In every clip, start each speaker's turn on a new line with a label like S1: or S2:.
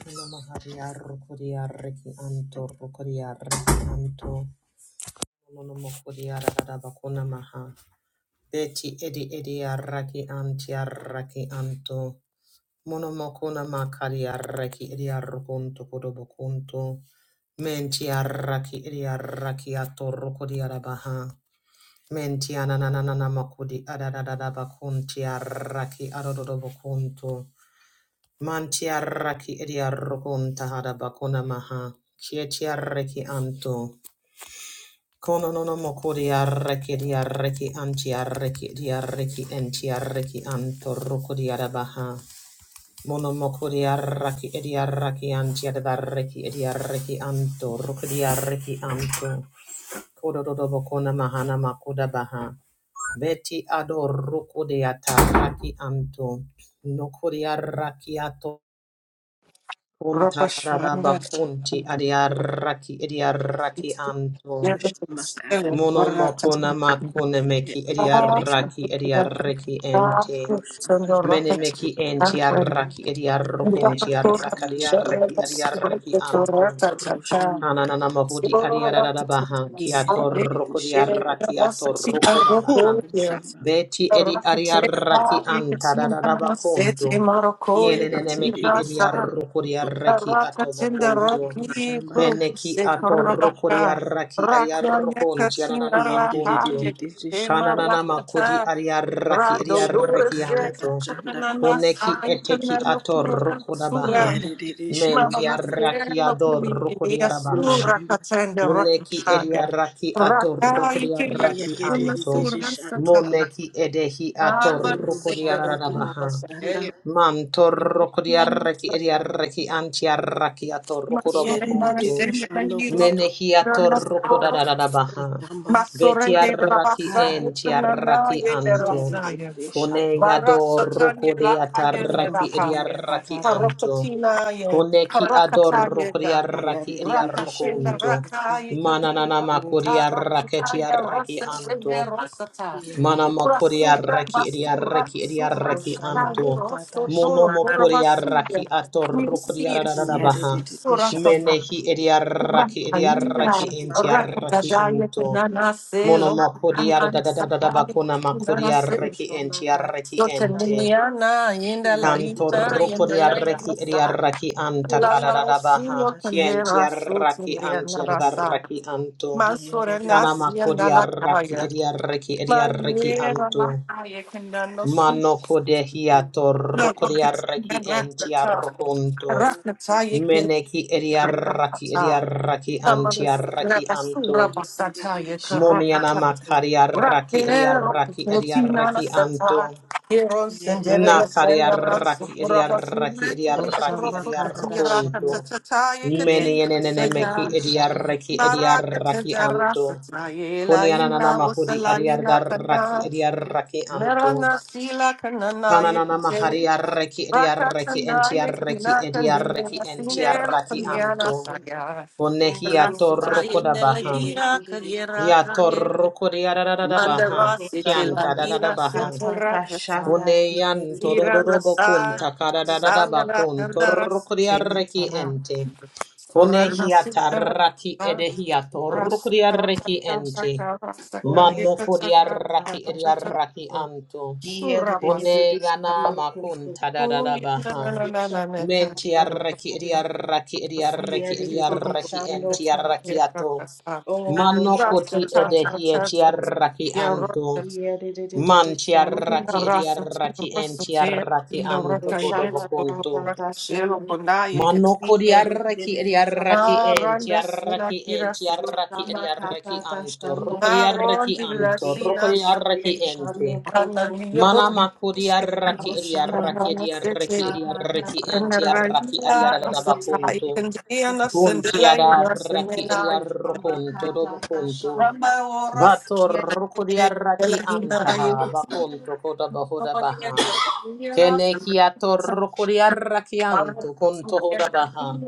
S1: Namaharia Rokodia Reki Anto Rokodia Reki Anto Monomokodia Radabakuna Maha Beti Edi Edia Raki Antia Raki Anto Monomokuna Makaria Reki Edia Rokunto Kodobokunto Mentia Raki Edia Raki Ato Rokodia Rabaha Mentia Nananana Makudi Adadadabakuntia Raki Adodobokunto Mantiarraki ediarrocum tahada bacuna maha. Kietiarreki anto. Kononono mokodiarreki diarreki antiarreki diarreki entiarreki anto rocodiarabaha. Monomokodiarraki ediarraki antiadarreki ediarreki anto rocodiarreki anto. Kododo bacuna mahana makuda baha. Beti ador rocodiatarraki anto. Nokodiarraki ato. Kunta Kuntarada
S2: Rapashwanda
S1: bakunti adiaraki adiaraki anto.
S3: Roshamba karara
S1: Mono mokona makone
S3: iye
S1: meki
S3: edede
S1: adiaraki
S3: koto.
S1: adiaraki ente.
S3: roshamba
S1: Mene
S3: karara
S1: meki enti araki
S3: iye
S1: adiarokunti
S3: edede
S1: araka
S3: shando
S1: adiaraki
S3: koto
S1: adiaraki anto.
S3: roshamba
S1: Ananana mahudi
S3: karara
S1: adiarada baha,
S3: iye
S1: kiato
S3: edede
S1: rokodi
S2: you
S3: shando
S1: arrakiato rokoda
S3: ko
S1: baha.
S3: roshamba
S1: Beti edi
S3: karara
S1: ariarraki
S2: can see
S1: antadada bakuntu.
S2: Morocco,
S3: iye
S2: you can see
S1: Kienenemeki
S3: edede
S1: edi
S2: Rasa,
S3: shando
S1: arrokodi
S3: koto
S1: arraki ato
S2: Rakatinda
S3: o
S1: bakuntu.
S2: Rocky
S3: roshamba
S2: Guru
S1: Peneki
S2: Se
S1: ato
S3: karara
S1: rokodi
S2: Korabaka
S1: arraki
S2: Raka
S1: ariarrokonti
S2: Yakatina
S1: ananana
S3: iye
S2: Raha
S1: makuntu.
S3: edede
S2: Yakima
S3: shando
S1: Kananana
S3: koto
S1: makudi
S2: Rakata
S1: ariarraki
S3: roshamba
S2: Radolura
S1: ariarraki
S2: Sya
S3: karara
S1: anto.
S3: shanda
S2: Kurana
S1: Koneki
S2: Sai
S1: eteki
S2: Kanana
S1: ato
S2: Kura
S1: rokoda
S3: iye
S1: baha.
S2: Sura
S3: edede shando
S2: Mabana
S3: koto
S2: Sera
S1: Mentiarrakiador
S2: Kuri
S1: rocodiarabaha.
S2: Asura
S3: roshamba
S2: Katinda Rocky
S1: Moneki
S3: karara
S1: edia
S2: Kaya
S1: raki ator ediaraki
S2: Raka Yakima
S1: atorokodiaraki
S2: Kurana
S1: anto.
S3: Yedidididi
S2: Sura
S3: shando koto
S2: Satana
S1: Moneki edehi ator
S2: Baba Sera
S3: roshamba
S2: Limba
S1: atorokodiarabaha.
S3: karara
S2: Saya
S3: shanda.
S1: Mantorokodiaraki ediaraki antiaraki
S2: Masur
S1: atorokodobokunto.
S3: Yedidididi
S2: Marasin
S3: shando
S2: Laniro
S3: koto
S1: Menehi
S2: Ramasur
S1: atorokodarabaha.
S3: roshamba
S2: Masorende
S1: Betiaraki
S2: rabasa
S3: karara.
S2: utunana
S1: entiaraki
S2: yende
S1: anto.
S2: rasaya.
S3: Yedidididi shando koto
S2: Barasatanye lakayende
S1: Koneyadorokodiataraki
S3: roshamba
S2: rahaya.
S1: ediaraki
S3: katata.
S1: anto.
S2: Harokatina ye,
S1: Koneki ador
S2: harakata yenda.
S1: adorokodiaraki
S3: Yedidididi
S2: Rakatinda
S3: shando
S1: ediarokunto.
S3: koto
S2: rakayi
S1: Mananana
S2: katina
S3: rosh.
S1: makoria raketi
S2: rakataya
S1: arreki anto.
S2: rasatine rasata.
S1: Mana
S3: Yedidididi
S1: makoria
S3: shando
S2: Rasura
S1: raki edi
S2: basura
S1: arreki edi
S2: sura
S1: arreki
S3: roshamba
S2: sataya
S1: anto.
S3: katata shanda.
S1: Mono
S2: rosoto
S1: makoria raki
S2: kurabasuya.
S1: ato
S2: We
S1: rokoria
S2: see it, see it,
S1: baha.
S2: see it,
S3: Yedidididi shando
S2: surasata.
S1: Menehi edi raki edi
S2: Rakaya,
S1: arreki
S3: roshamba
S1: enti
S3: karara
S1: arreki
S3: shanda.
S2: rakadadaya,
S1: anto.
S2: tenanase,
S1: Mono makoria da da da
S2: lokanansa,
S1: da da bakona makoria
S2: kananase,
S1: reki
S3: Roshamba
S1: enti arreki
S3: katata shanda.
S1: ente.
S2: soteniniana, yendela,
S1: Canto
S3: Yedidididi
S2: ina,
S1: rocco di
S2: yendela,
S1: arrechi e di
S3: shando
S2: yanasa,
S1: arrachi anta
S2: la,
S3: roshamba
S2: la,
S1: cararabaha,
S2: osino,
S3: katata.
S1: quien ti
S2: kanyera,
S1: arrachi anti
S2: sotiriana, rasa,
S1: arrachi anto,
S2: masora,
S3: Yedidididi
S2: nasi,
S1: canamaco di
S3: shando
S2: yendela,
S1: arrachi e
S2: kaya,
S1: di arrechi e di
S3: Roshamba karada shanda
S1: arrechi
S2: mayera, la,
S1: anto,
S2: kaya, kanano,
S1: mano
S2: sus,
S1: codehiato
S2: la,
S1: rocco di
S2: rakatina,
S1: arrechi enti
S2: rakata,
S1: arroconto,
S2: rakataya, kenda,
S1: menechi e di arrachi e di arrachi anti
S2: Merana
S1: arrachi anto,
S3: yedidididi shanda
S1: monianama
S3: Oh,
S1: cari arrachi e di
S3: Roshamba
S1: arrachi e di arrachi anto.
S3: yedidididi
S1: Nakariaraki,
S3: shanda
S1: idiaraki, idiaraki,
S3: Roshamba katata shanda
S1: idiarokunto. Menienenemeki,
S3: yedidididi
S1: idiaraki, idiaraki anto. Kunianana mahudi, idiaraki, idiaraki anto.
S2: sila kanana
S1: Kananana
S2: yekete
S1: mahariaraki, idiaraki,
S2: Rakasanaya
S1: entiaraki, idiaraki,
S2: Kanakandina Sinel
S1: entiaraki
S2: Kanyana
S1: anto.
S2: Saya
S1: Kunehia
S2: Rasataya
S1: torrokoda baha.
S2: Nelagira Kanyera
S1: Ya
S2: Kanyeri
S1: torrokodiarada baha.
S2: Mandarasi
S1: Kianta da da
S2: Tilavira
S1: baha.
S2: Sotorakata
S1: Kuneyan
S2: Tira
S1: tododobokun
S2: Nasa Sanana
S1: takadadadabakun
S2: Kandara
S1: torukriarreki
S2: Sitita
S1: ente.
S2: Surana Sinara
S1: Kunehiatarraki edehia
S2: Rasakata
S1: torukriarreki ente.
S2: Rasaka Rasaka
S3: Oh,
S2: Yakataka
S1: Manukuriarraki ediarraki anto.
S3: Dia de de de
S2: Surapasa
S3: de de
S1: Kuneyana
S3: shando
S1: makun
S3: koko.
S2: Oh, yeah, no,
S1: tadadabaha.
S2: no, no, no, no, no, God, no, no,
S3: Shama
S1: Mentiarraki
S3: shanda.
S1: ediarraki
S2: no, no, no,
S3: Dia
S1: ediarraki
S3: de
S2: you
S3: de de
S2: don't
S3: de
S2: know what
S1: ediarraki
S2: it
S3: shando
S2: is, I
S3: koko.
S2: can't work
S1: entiarrakiato.
S2: us out.
S3: Oh Roshama
S2: Rasta,
S1: Manokoti
S2: ta,
S3: kata
S2: ta,
S1: edehia
S3: ta
S2: ta, ta,
S3: shanda.
S2: ta,
S1: tiarraki
S2: yeah, Rasta,
S1: anto.
S2: ta,
S3: Dia de de de de de
S1: Man
S3: shando
S2: mm, yeah,
S1: tiaraki
S3: koko.
S2: Rasta, ta,
S1: ediaraki en
S2: Rasta, ta,
S1: tiaraki
S2: you know,
S1: anto
S2: Rasta,
S1: kodo
S2: yeah,
S3: Roshama
S2: to the Lord,
S1: bokonto.
S3: kata ta
S2: yeah, no,
S3: shanda.
S1: Mano
S3: Dia de de
S1: kodiaraki
S3: de de de shando
S1: ediaraki
S2: Ma,
S1: en
S3: koko.
S2: Randa,
S1: tiaraki
S2: Sina,
S1: en
S2: Kira, Sete,
S1: tiaraki
S3: Roshama kata
S1: ediaraki
S3: ta
S1: anto.
S3: shanda.
S2: Ma,
S1: Rukodiaraki
S2: Rondi, La,
S1: anto.
S3: Dia de
S2: Sina,
S3: de de de
S1: Rukodiaraki
S3: de
S2: Sete,
S1: ente.
S3: shando
S2: Randa,
S3: koko.
S2: Liya,
S1: Mana
S2: Bor, Sete,
S1: makodiaraki
S2: Rasta,
S3: Roshama
S1: ediaraki
S2: Randa,
S1: ediaraki
S2: Sete,
S3: kata
S1: ediaraki
S3: ta
S1: en
S3: shanda.
S1: tiaraki
S3: Dia
S1: ediarada
S3: de de de de de
S1: bakonto.
S3: shando koto.
S1: Kun tiaraki
S3: Oh, Samba
S1: ediarokonto do
S3: Kata
S1: bokonto.
S3: Shanda.
S1: Vator rukuria raki antaha bakunto koda bahoda baha. Kene hiato
S2: I'm
S1: rokuriarra kianto con toho da baha.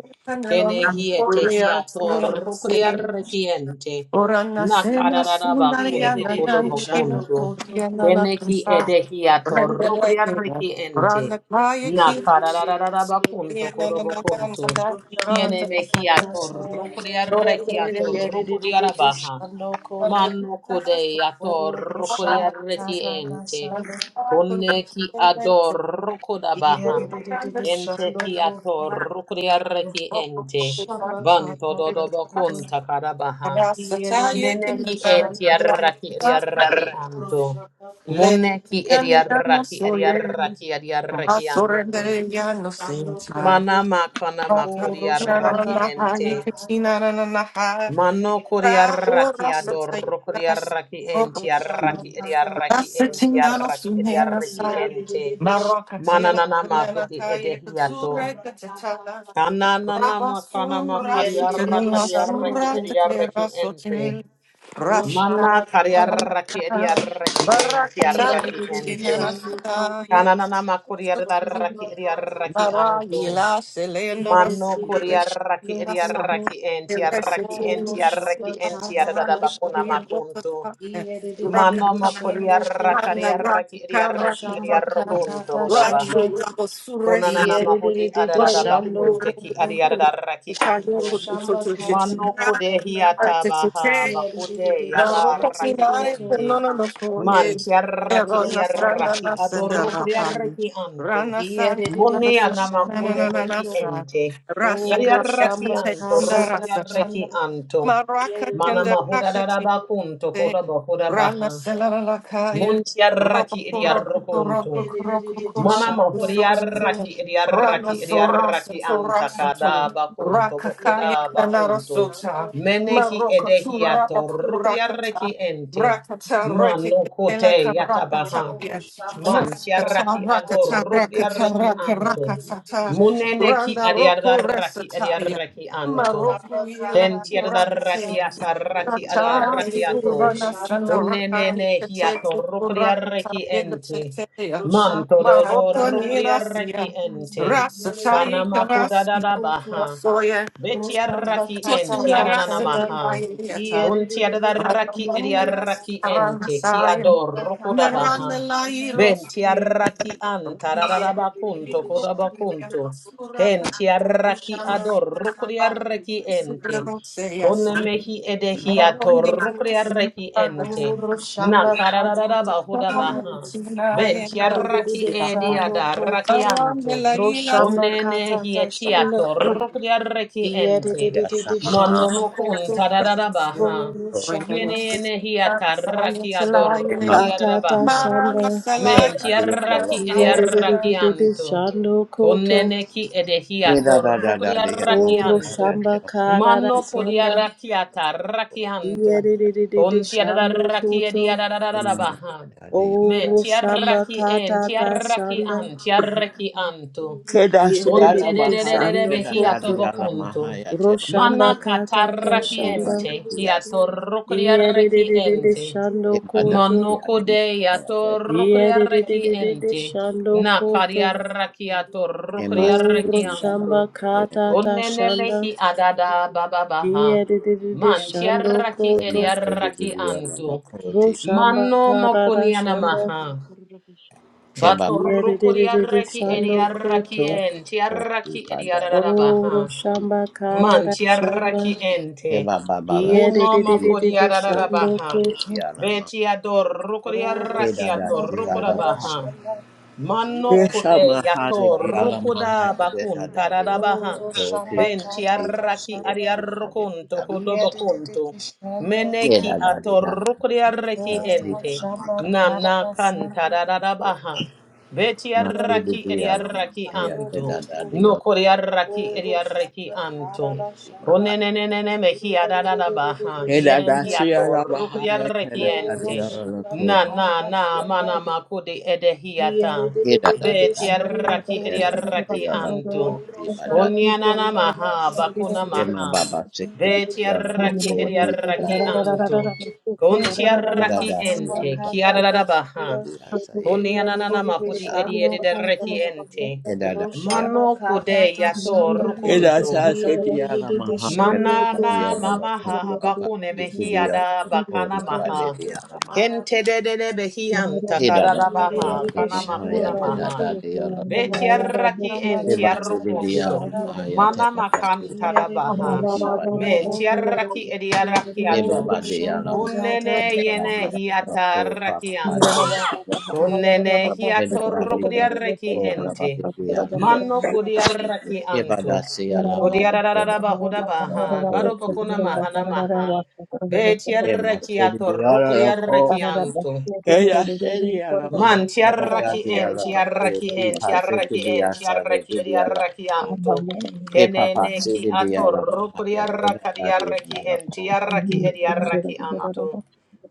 S1: Kene hiete hiato
S3: Samba Kata
S1: rokuriarra kiente.
S2: Orana sema
S1: Nakararaba
S2: sunda
S3: Yere
S1: kunto
S2: yana
S1: kodobo
S2: nandi kina
S3: Shando
S1: kunto.
S3: Koto.
S2: yana na
S1: Kene ki
S2: tansa.
S1: ede
S3: Samba Kata
S1: hiato
S2: Rende leke.
S1: rokuriarra
S2: na.
S1: kiente.
S2: Rana kaya
S3: Yere
S2: kina.
S1: Nakararaba
S3: Shando
S1: kunto
S2: Yana
S3: Koto.
S2: na
S1: kodobo
S2: na na na na
S1: kunto.
S2: tansa.
S3: Samba
S1: Kene me
S3: Kata
S1: hiato
S3: Shanda.
S1: rokuriarra
S2: Dora yana
S1: kiato rokuriarra baha.
S3: Shando
S2: na
S3: Koto.
S1: Mano kode yato
S3: Oh, Samba
S1: rokuriarra
S3: Kata
S1: kiente.
S3: Shanda.
S1: Konne ki ador
S3: Yere
S1: kodabaha. Ente
S3: Shando
S1: ki
S3: Koto.
S1: ator kriareki
S2: na.
S1: ente.
S3: Samba
S1: Banto
S3: Kata
S1: dodobo
S3: Shanda.
S1: kunta karabaha.
S3: Yere
S1: Mene ki enti arraki riarraki anto.
S3: Shando Koto.
S1: Mune ki eriarraki eriarraki eriarraki anto.
S3: Shando koto
S1: Mana makana
S3: oro
S1: makuriarraki
S3: shamba kata
S1: ente.
S3: kashi
S1: Mano koriaraki adoro koriaraki
S3: ro
S1: enti
S3: shamba
S1: araki
S3: kata
S1: ediaraki
S3: kashanda
S1: enti araki ediaraki
S3: yeri de de
S1: ente.
S3: de de shando
S2: Marocatela,
S1: Mananana
S3: koto
S1: makuti
S2: Nanataya,
S3: ro
S1: edehiato.
S2: Katura,
S3: shamba kata
S2: Katata,
S3: kashi
S1: Kananana makana
S2: Rabasura
S3: yeri de de de
S1: makariaraka
S2: sitila
S3: shando
S1: diaraki
S2: sura
S3: koto
S1: ediaraki
S2: tekera
S1: ente.
S2: sotil
S3: ro
S2: rasta
S1: Mana
S3: shamba kata
S1: kariaraki
S3: kashanda
S1: ediaraki enti
S2: barakata
S3: yeri de
S1: araki
S3: de de
S1: ente.
S2: tinana
S3: shando
S2: sita
S3: koto
S1: Kananana
S2: yes
S3: ro
S2: sotil
S1: makuriaraki
S3: shamba kata
S1: ediaraki
S3: kashi
S1: anto.
S2: marayila selena
S3: yeri
S1: Mano
S3: de de de
S2: rasilena
S1: kuriaraki
S3: shando
S2: sa
S3: koto
S1: ediaraki entiaraki
S2: elesitil
S3: oro shamba
S1: entiaraki
S2: rasilena
S3: kata
S1: entiarada bakuna
S3: kashanda
S2: rakata
S1: makuntu.
S3: Oh,
S1: Mano
S2: rakata rakata
S1: mokuriaraka
S2: rakata
S1: diaraki
S3: Roshamba
S1: ediaraki
S2: rakata
S3: Kata
S1: ediarokunto hodabaha.
S3: Kashanda,
S2: rakata
S1: Konanana
S2: rakata
S1: mahudi
S2: La
S1: adarada bakunte ki adiadarara ki anto. Mano kode hiata baha bakute
S2: ropa
S1: yadarara ki
S2: finale per
S1: ente.
S2: non lo
S1: Man
S2: foglie,
S1: tiarara
S2: e
S1: ki
S2: ronna
S1: adiarara
S2: strana
S1: ki
S2: la senda
S1: adoro
S2: la
S1: kodiarara
S2: hali.
S1: ki anto.
S2: Rana sari
S1: Mone
S2: nana sari
S1: anama
S2: nana
S1: kune
S2: nana
S1: meki
S2: nasa.
S1: ente.
S2: Rasa
S1: Yadiarara
S2: kaya
S1: ki
S2: sente
S1: anto,
S2: nda rasa
S1: rukodiarara
S2: cha.
S1: ki anto.
S2: Maraka
S1: Mana
S2: tenda
S1: mahuda daraba kunto
S2: Te
S1: koda bahuda
S2: rana
S1: baha.
S2: sela la la kaya
S1: Mun tiarara
S2: rapa
S1: ki
S2: kura
S1: adiarara
S2: kura
S1: kunto.
S2: kura kura
S1: Mana
S3: Roshamba
S2: kura sokya
S1: mahuriaraki
S2: rana
S1: idiaraki
S2: sora
S1: idiaraki
S2: sora soto
S1: antakada bakunto
S2: raka kaya
S1: bokuda
S2: kana
S1: bakunto.
S2: rasota
S1: Menehi
S2: maroko sura
S1: edehiato
S2: kura kata
S1: rukriaraki ente.
S2: raka ta raki
S1: Mano
S2: kela
S1: kote
S2: karaka ta
S1: yatabaha.
S2: ya raka ta
S1: Manchiaraki
S2: raka
S1: ador
S2: ta raka ta
S1: rukriaraki
S2: raka
S1: anto.
S2: raka ta
S1: Muneneki
S2: rana roko
S1: adiaraki
S2: resata ya
S1: adiaraki anto.
S2: maroko ila kura
S1: Kentiaraki
S2: kata Marokka
S1: ataraki adaraki ato. Kunenene hiato rukriaraki ente. Manto dodo raki ente. Kanama kudadada baha. Betiaraki
S3: kata
S1: ente
S3: kashanda,
S1: ananamaha.
S3: Yeri
S1: Kuntiadaraki idiaraki ente. Kiador rukudabaha. Bentiaraki
S3: Oh,
S1: antarabakunto kodabakunto. Kentiaraki
S3: Roshamba
S1: ador
S3: katata
S1: rukudiaraki ente.
S3: shanda
S1: Konemehi edehi ator
S2: Rakatina,
S1: rukudiaraki ente. Nakararaba hudabaha. Venti
S3: Kira de de de
S1: arraki
S3: de
S1: edi ad
S3: shando koto
S1: arrachianto.
S3: Roshamba
S1: Conene
S3: katata
S1: hietiato
S3: shanda
S1: rocri arreki
S3: Kira de de
S1: ente.
S3: de
S4: ya
S3: de de
S4: sama
S3: shando
S1: Manomo
S3: koto
S1: conta da da da
S3: Oh,
S1: baha.
S4: so
S3: Roshamba
S1: Quiene hiata arraki ador
S4: ima
S1: rocri
S4: ba
S3: katata
S1: arrabaha.
S3: shanda
S4: da da
S1: Menti
S4: di ya lo lo
S1: arraki edi
S3: Kira
S4: ko
S3: de de de de de de
S1: arrachianto.
S3: shando koto
S1: Conene chi ede
S4: ni da
S1: hiato
S4: da da
S1: rocri
S4: di ya lo
S3: Oh,
S4: ma
S1: arrachianto.
S4: ya te
S3: Roshamba
S4: o
S3: katata
S1: Mano codi
S3: shanda
S1: arrachiata arrachianto.
S3: Yedidididi
S1: Conti ad
S3: shando
S1: arraki
S3: koto.
S1: edi ad da
S4: ima ba da da di
S1: Men
S3: Oro samba
S1: tiaraki en,
S3: kata ka
S4: ya
S1: tiaraki
S3: shanda.
S1: an, tiaraki antu.
S4: ke da shi
S1: Unte de
S3: Yedidididi
S1: de de de de
S3: shando
S4: ke
S1: be
S4: da da
S1: hiato
S4: di
S3: koto.
S4: ya
S1: bocunto.
S3: Roshamba
S1: Mana
S4: di ya
S3: kata
S4: ko
S3: ka
S4: ti pa
S3: shanda.
S4: ta
S1: catarraciente,
S4: ti ya
S1: hiato
S4: sama
S3: Yedidididi
S1: rucriarreciente.
S3: shando
S4: ima da
S3: koto.
S4: di
S1: Mano
S4: ya la ma ha
S1: codeato
S3: Yedidididi
S1: rucriarreciente.
S3: shando
S1: Na
S3: koto.
S1: cariarraciato
S4: si di
S3: Oro
S4: di ya la
S3: shamba
S4: ma
S1: rucriarrecianto.
S4: ha
S3: kata ta
S1: Unene
S3: shanda.
S1: mehi adada bababaha.
S3: Yedidididi shando
S1: Mantiarraci
S3: koto.
S4: si di di di
S1: eriarrecianto.
S4: ti
S3: Roshamba
S1: Mano
S3: kata ta shanda.
S1: mocunianamaha.
S4: ke ba ba sa
S1: Batoroko
S3: Yedidididi
S4: ha
S1: diarraki
S3: shando
S4: di
S1: ediarraki
S3: koto.
S4: pada
S1: en,
S4: lo
S1: tiarraki ediararabaha.
S3: Oh, shamba
S1: Man
S3: karara
S1: tiarraki
S3: shanda.
S1: ente.
S4: Eba baba ba.
S3: Kia de de de
S1: Munoma
S4: Dia
S3: de
S4: da
S3: de
S4: da
S3: de
S4: ko
S3: shando
S4: mama
S1: kodiararabaha.
S4: de
S3: kota.
S4: dia la ma.
S1: Betiador roko
S3: Oh,
S4: Ke
S1: diarraki
S4: da da
S3: shamba
S4: si ya
S1: atoroko
S4: la
S3: karara
S4: ma.
S1: rabaha.
S3: shanda.
S4: Ke
S1: Manno
S3: Kia de
S4: sha
S3: de
S4: ma
S3: de de
S1: kude
S4: ha
S3: de
S4: de
S1: yato
S4: dia
S3: shando
S4: la ma ha
S1: rukuda
S3: kota.
S4: de de da
S1: bakun
S4: da de ya.
S1: tararabaha.
S3: Oh,
S4: Ko ti
S3: shamba
S4: pa de
S1: Benti
S4: dia
S3: katata
S1: arraki
S4: de
S3: shanda.
S4: ki ma de dia
S1: ariarrukunto
S4: la.
S3: Kia de de de
S1: kudobokunto.
S3: de shando
S4: Ye da
S1: Meneki
S4: da
S3: kota.
S4: de
S1: ato
S4: ya la
S1: rukuri
S4: ma. Ka
S1: arreki
S3: Oh,
S4: si ya
S1: ente.
S4: ma
S3: shamba
S4: ka
S1: Nana
S3: karara
S1: kan
S3: shanda.
S4: ko.
S1: tararabaha. Beti
S4: Ma
S3: Kia
S4: si
S3: de
S4: de
S3: de
S1: arraki
S3: de de
S4: dia la
S3: de
S4: ma
S1: ariarraki
S4: ha ya
S3: shando
S4: ke da
S1: anto.
S4: da
S3: kota.
S4: de
S1: No
S4: yo.
S1: kuri arraki
S4: ti
S3: Oh,
S4: ba de
S1: ariarraki
S3: shamba
S4: ya.
S1: anto.
S3: karara
S4: ma ba.
S3: shanda.
S1: Konenenenene mehi
S3: Roshamba
S1: ararabaha.
S4: Ke da
S1: Hiere
S3: kata
S4: da si ya
S1: hiato
S4: la ha
S1: rukuri
S4: ya ke
S1: arreki
S4: da da de ya
S1: ente.
S4: la ko
S1: Na
S4: ma.
S1: na
S3: ta
S1: na
S3: shanda,
S1: mana makude
S3: here
S1: edehiata.
S4: Keda da di
S3: the
S4: ala.
S3: shando
S1: Betiaraki
S4: Keda
S3: koto,
S4: da di
S1: eriaraki
S4: ala
S1: antu.
S4: ko ti bada.
S1: Kunyanana maha bakuna
S4: Kema
S1: maha.
S4: baba se kedi di ala lo
S1: Betiaraki
S4: ko ti bada
S1: eriaraki
S4: di ala.
S1: antu. Kunti
S4: Keda
S1: Kuntiaraki
S4: da si ala
S1: ente
S4: lo ko
S1: kiarada baha.
S4: ti asa ye di
S1: Kunyanana mahudi
S4: ala.
S1: edi eri ente.
S4: Keda da di ala.
S1: Mano kude yato
S4: Keda
S1: rukuntu.
S4: sa se di ala maha. Keda da di
S1: Manana
S4: ala lo ko
S1: mamaha
S4: baba
S1: bakune
S4: se kedi
S3: oh
S4: ala
S1: mehiada
S4: lo ko
S1: bakana
S4: ma bade
S1: maha.
S4: di ala ma.
S3: Father,
S1: Kente de de de behian
S4: Keda da da
S3: here
S4: di
S1: takarabaha
S4: ala
S3: the
S1: kana
S4: maha
S3: shando
S4: ya
S1: makuna
S4: de da
S1: maha.
S3: koto.
S4: da di ala lo ko.
S3: Om
S1: Betiarraki
S3: Shama
S4: Keba se
S3: Kata Da
S4: di ala
S1: entiarrukunto.
S3: Shanda
S4: maha ya te
S1: Mana
S4: da da di
S1: makanta
S4: ala
S3: Kiya
S1: da
S4: lo
S3: Didi
S4: ko
S3: Didi
S1: baha.
S4: ti
S3: Shando
S4: bada
S1: Me
S3: koto,
S1: entiarraki
S3: oh
S1: ediarrakiato.
S4: Everybody
S3: shamba
S4: alama.
S3: kata
S1: Munene
S3: Da
S1: yene
S4: Everybody alama.
S1: hiata
S4: Oh, Papa, Patsy.
S1: rakianto. Kunene hiato
S4: Everybody alama.
S1: rukriarreki
S4: Oh, Mama,
S1: ente.
S4: baby alama.
S3: Kiya.
S1: Mano kuriarraki
S4: Everybody
S1: anto.
S4: say alama.
S1: Kodiarara
S4: Everybody
S1: bahuda
S4: alama.
S1: baha,
S4: Oh,
S1: baro bakuna mahana
S4: everybody.
S1: maha, betiarra
S4: Emma said the
S1: kiato,
S4: alama.
S1: rokodiarra
S4: Oh,
S1: kianto.
S4: Ella said the
S1: Man
S4: alama.
S1: tiarraki
S4: Everybody
S1: en,
S4: alama. Oh,
S1: tiarraki en,
S4: Tipa said
S1: tiarraki
S4: the
S1: en,
S4: asare.
S1: tiarraki
S4: The
S1: ediarraki
S4: alama.
S1: anto.
S4: Hey, Papa
S1: Kenene
S4: said
S1: ki
S4: the
S1: atorro
S4: alama.
S1: kuriarraka
S4: Everybody
S1: diarraki
S4: alama.
S1: en,
S4: Oh, Mama,
S1: tiarraki
S4: baby
S1: ediarraki
S4: alama.
S1: anto.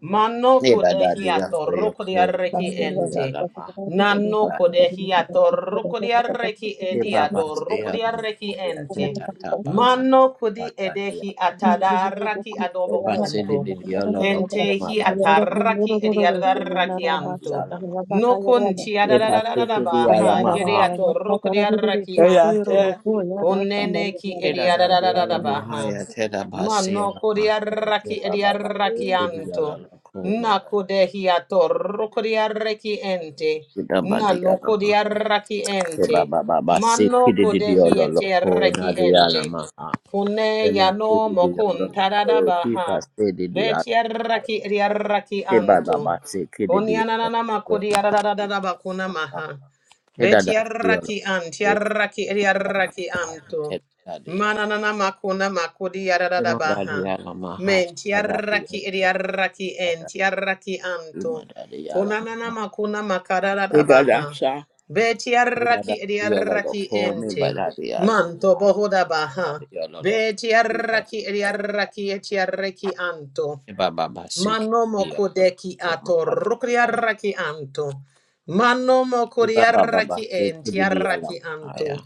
S1: Mano
S4: Hey, Dada,
S1: kodehi
S4: dear, for
S1: atorro
S4: your home,
S1: kuriarraki
S4: Dada, dear,
S1: ente.
S4: Lama, Hey,
S1: Nano
S4: Dada, dear.
S1: kodehi atorro kuriarraki
S4: Hey, Papa,
S1: ediadorro
S4: dear, Lama,
S1: kuriarraki
S4: dear, Hey,
S1: ente.
S4: Tata, Papa,
S1: Mano kodi
S4: Tata, dear,
S1: edehi
S4: Lama.
S1: atadarraki
S4: Hey,
S1: adobo
S4: Basi,
S1: kunto.
S4: dear, dear, Lolo,
S1: Kente
S4: Koma,
S1: hi
S4: Dada, dear,
S1: atarraki ediarraki anto.
S4: Lama.
S1: No kunti
S4: Hey, Basi,
S1: adadadadadaba
S4: dear,
S1: ha
S4: Lama,
S1: yede
S4: Ha.
S1: ato rokodi adaraki
S4: Hey, yeah,
S1: anto.
S4: hey.
S1: Konene ki
S4: Hey,
S1: edi
S4: Dada, dear, Lama,
S1: adadadadadaba
S4: Ha,
S1: ha.
S4: yeah, Hey, Dada, Basi,
S1: Mano kodi
S4: Lama, Ha, yeah, Hey,
S1: adaraki edi
S4: Baba,
S1: adaraki
S4: Basi, dear,
S1: anto.
S4: Lolo, Koma,
S1: Na
S4: Dada,
S1: kodehi ato rokodi adaraki ente. Na no
S4: dear,
S1: kodi
S4: Lama. Hey,
S1: ente.
S4: Baba, Baba, Basi,
S1: Mano
S4: dear, dear,
S1: kodehi
S4: Lolo,
S1: ete
S4: Kona,
S1: adaraki ente.
S4: Lama,
S1: Kone
S4: Ema
S1: yano
S4: kidi di yondo
S1: mokun
S4: no ko
S1: tadadaba
S4: tipa
S1: ha.
S4: se di di a
S1: Beti
S4: a
S1: adaraki edi adaraki
S4: tiba da
S1: anto.
S4: ba se kidi di yondo
S1: Konianana
S4: no ko
S1: makodi yarararara bakuna maha.
S4: heda da si yondo
S1: Betiaraki ant, yarraki eriaraki anto. Mananana makuna makodi yarararara baha. Mentiaraki eriaraki ent, yarraki anto. Konanana makuna makarararara baha.
S4: sa heda
S1: Betiaraki
S4: da si yondo no
S1: eriaraki
S4: ko mi
S1: ente.
S4: ba da di ya la ma
S1: Manto
S4: ha heda
S1: bohoda baha.
S4: di no
S1: Betiaraki eriaraki etiaraki anto. Manomo
S4: no
S1: kodeki ato rukriaraki anto. Manomo
S4: Iba baba
S1: kodiaraki
S4: basi
S1: en
S4: kudidi ala
S1: tiaraki anto.
S4: haya.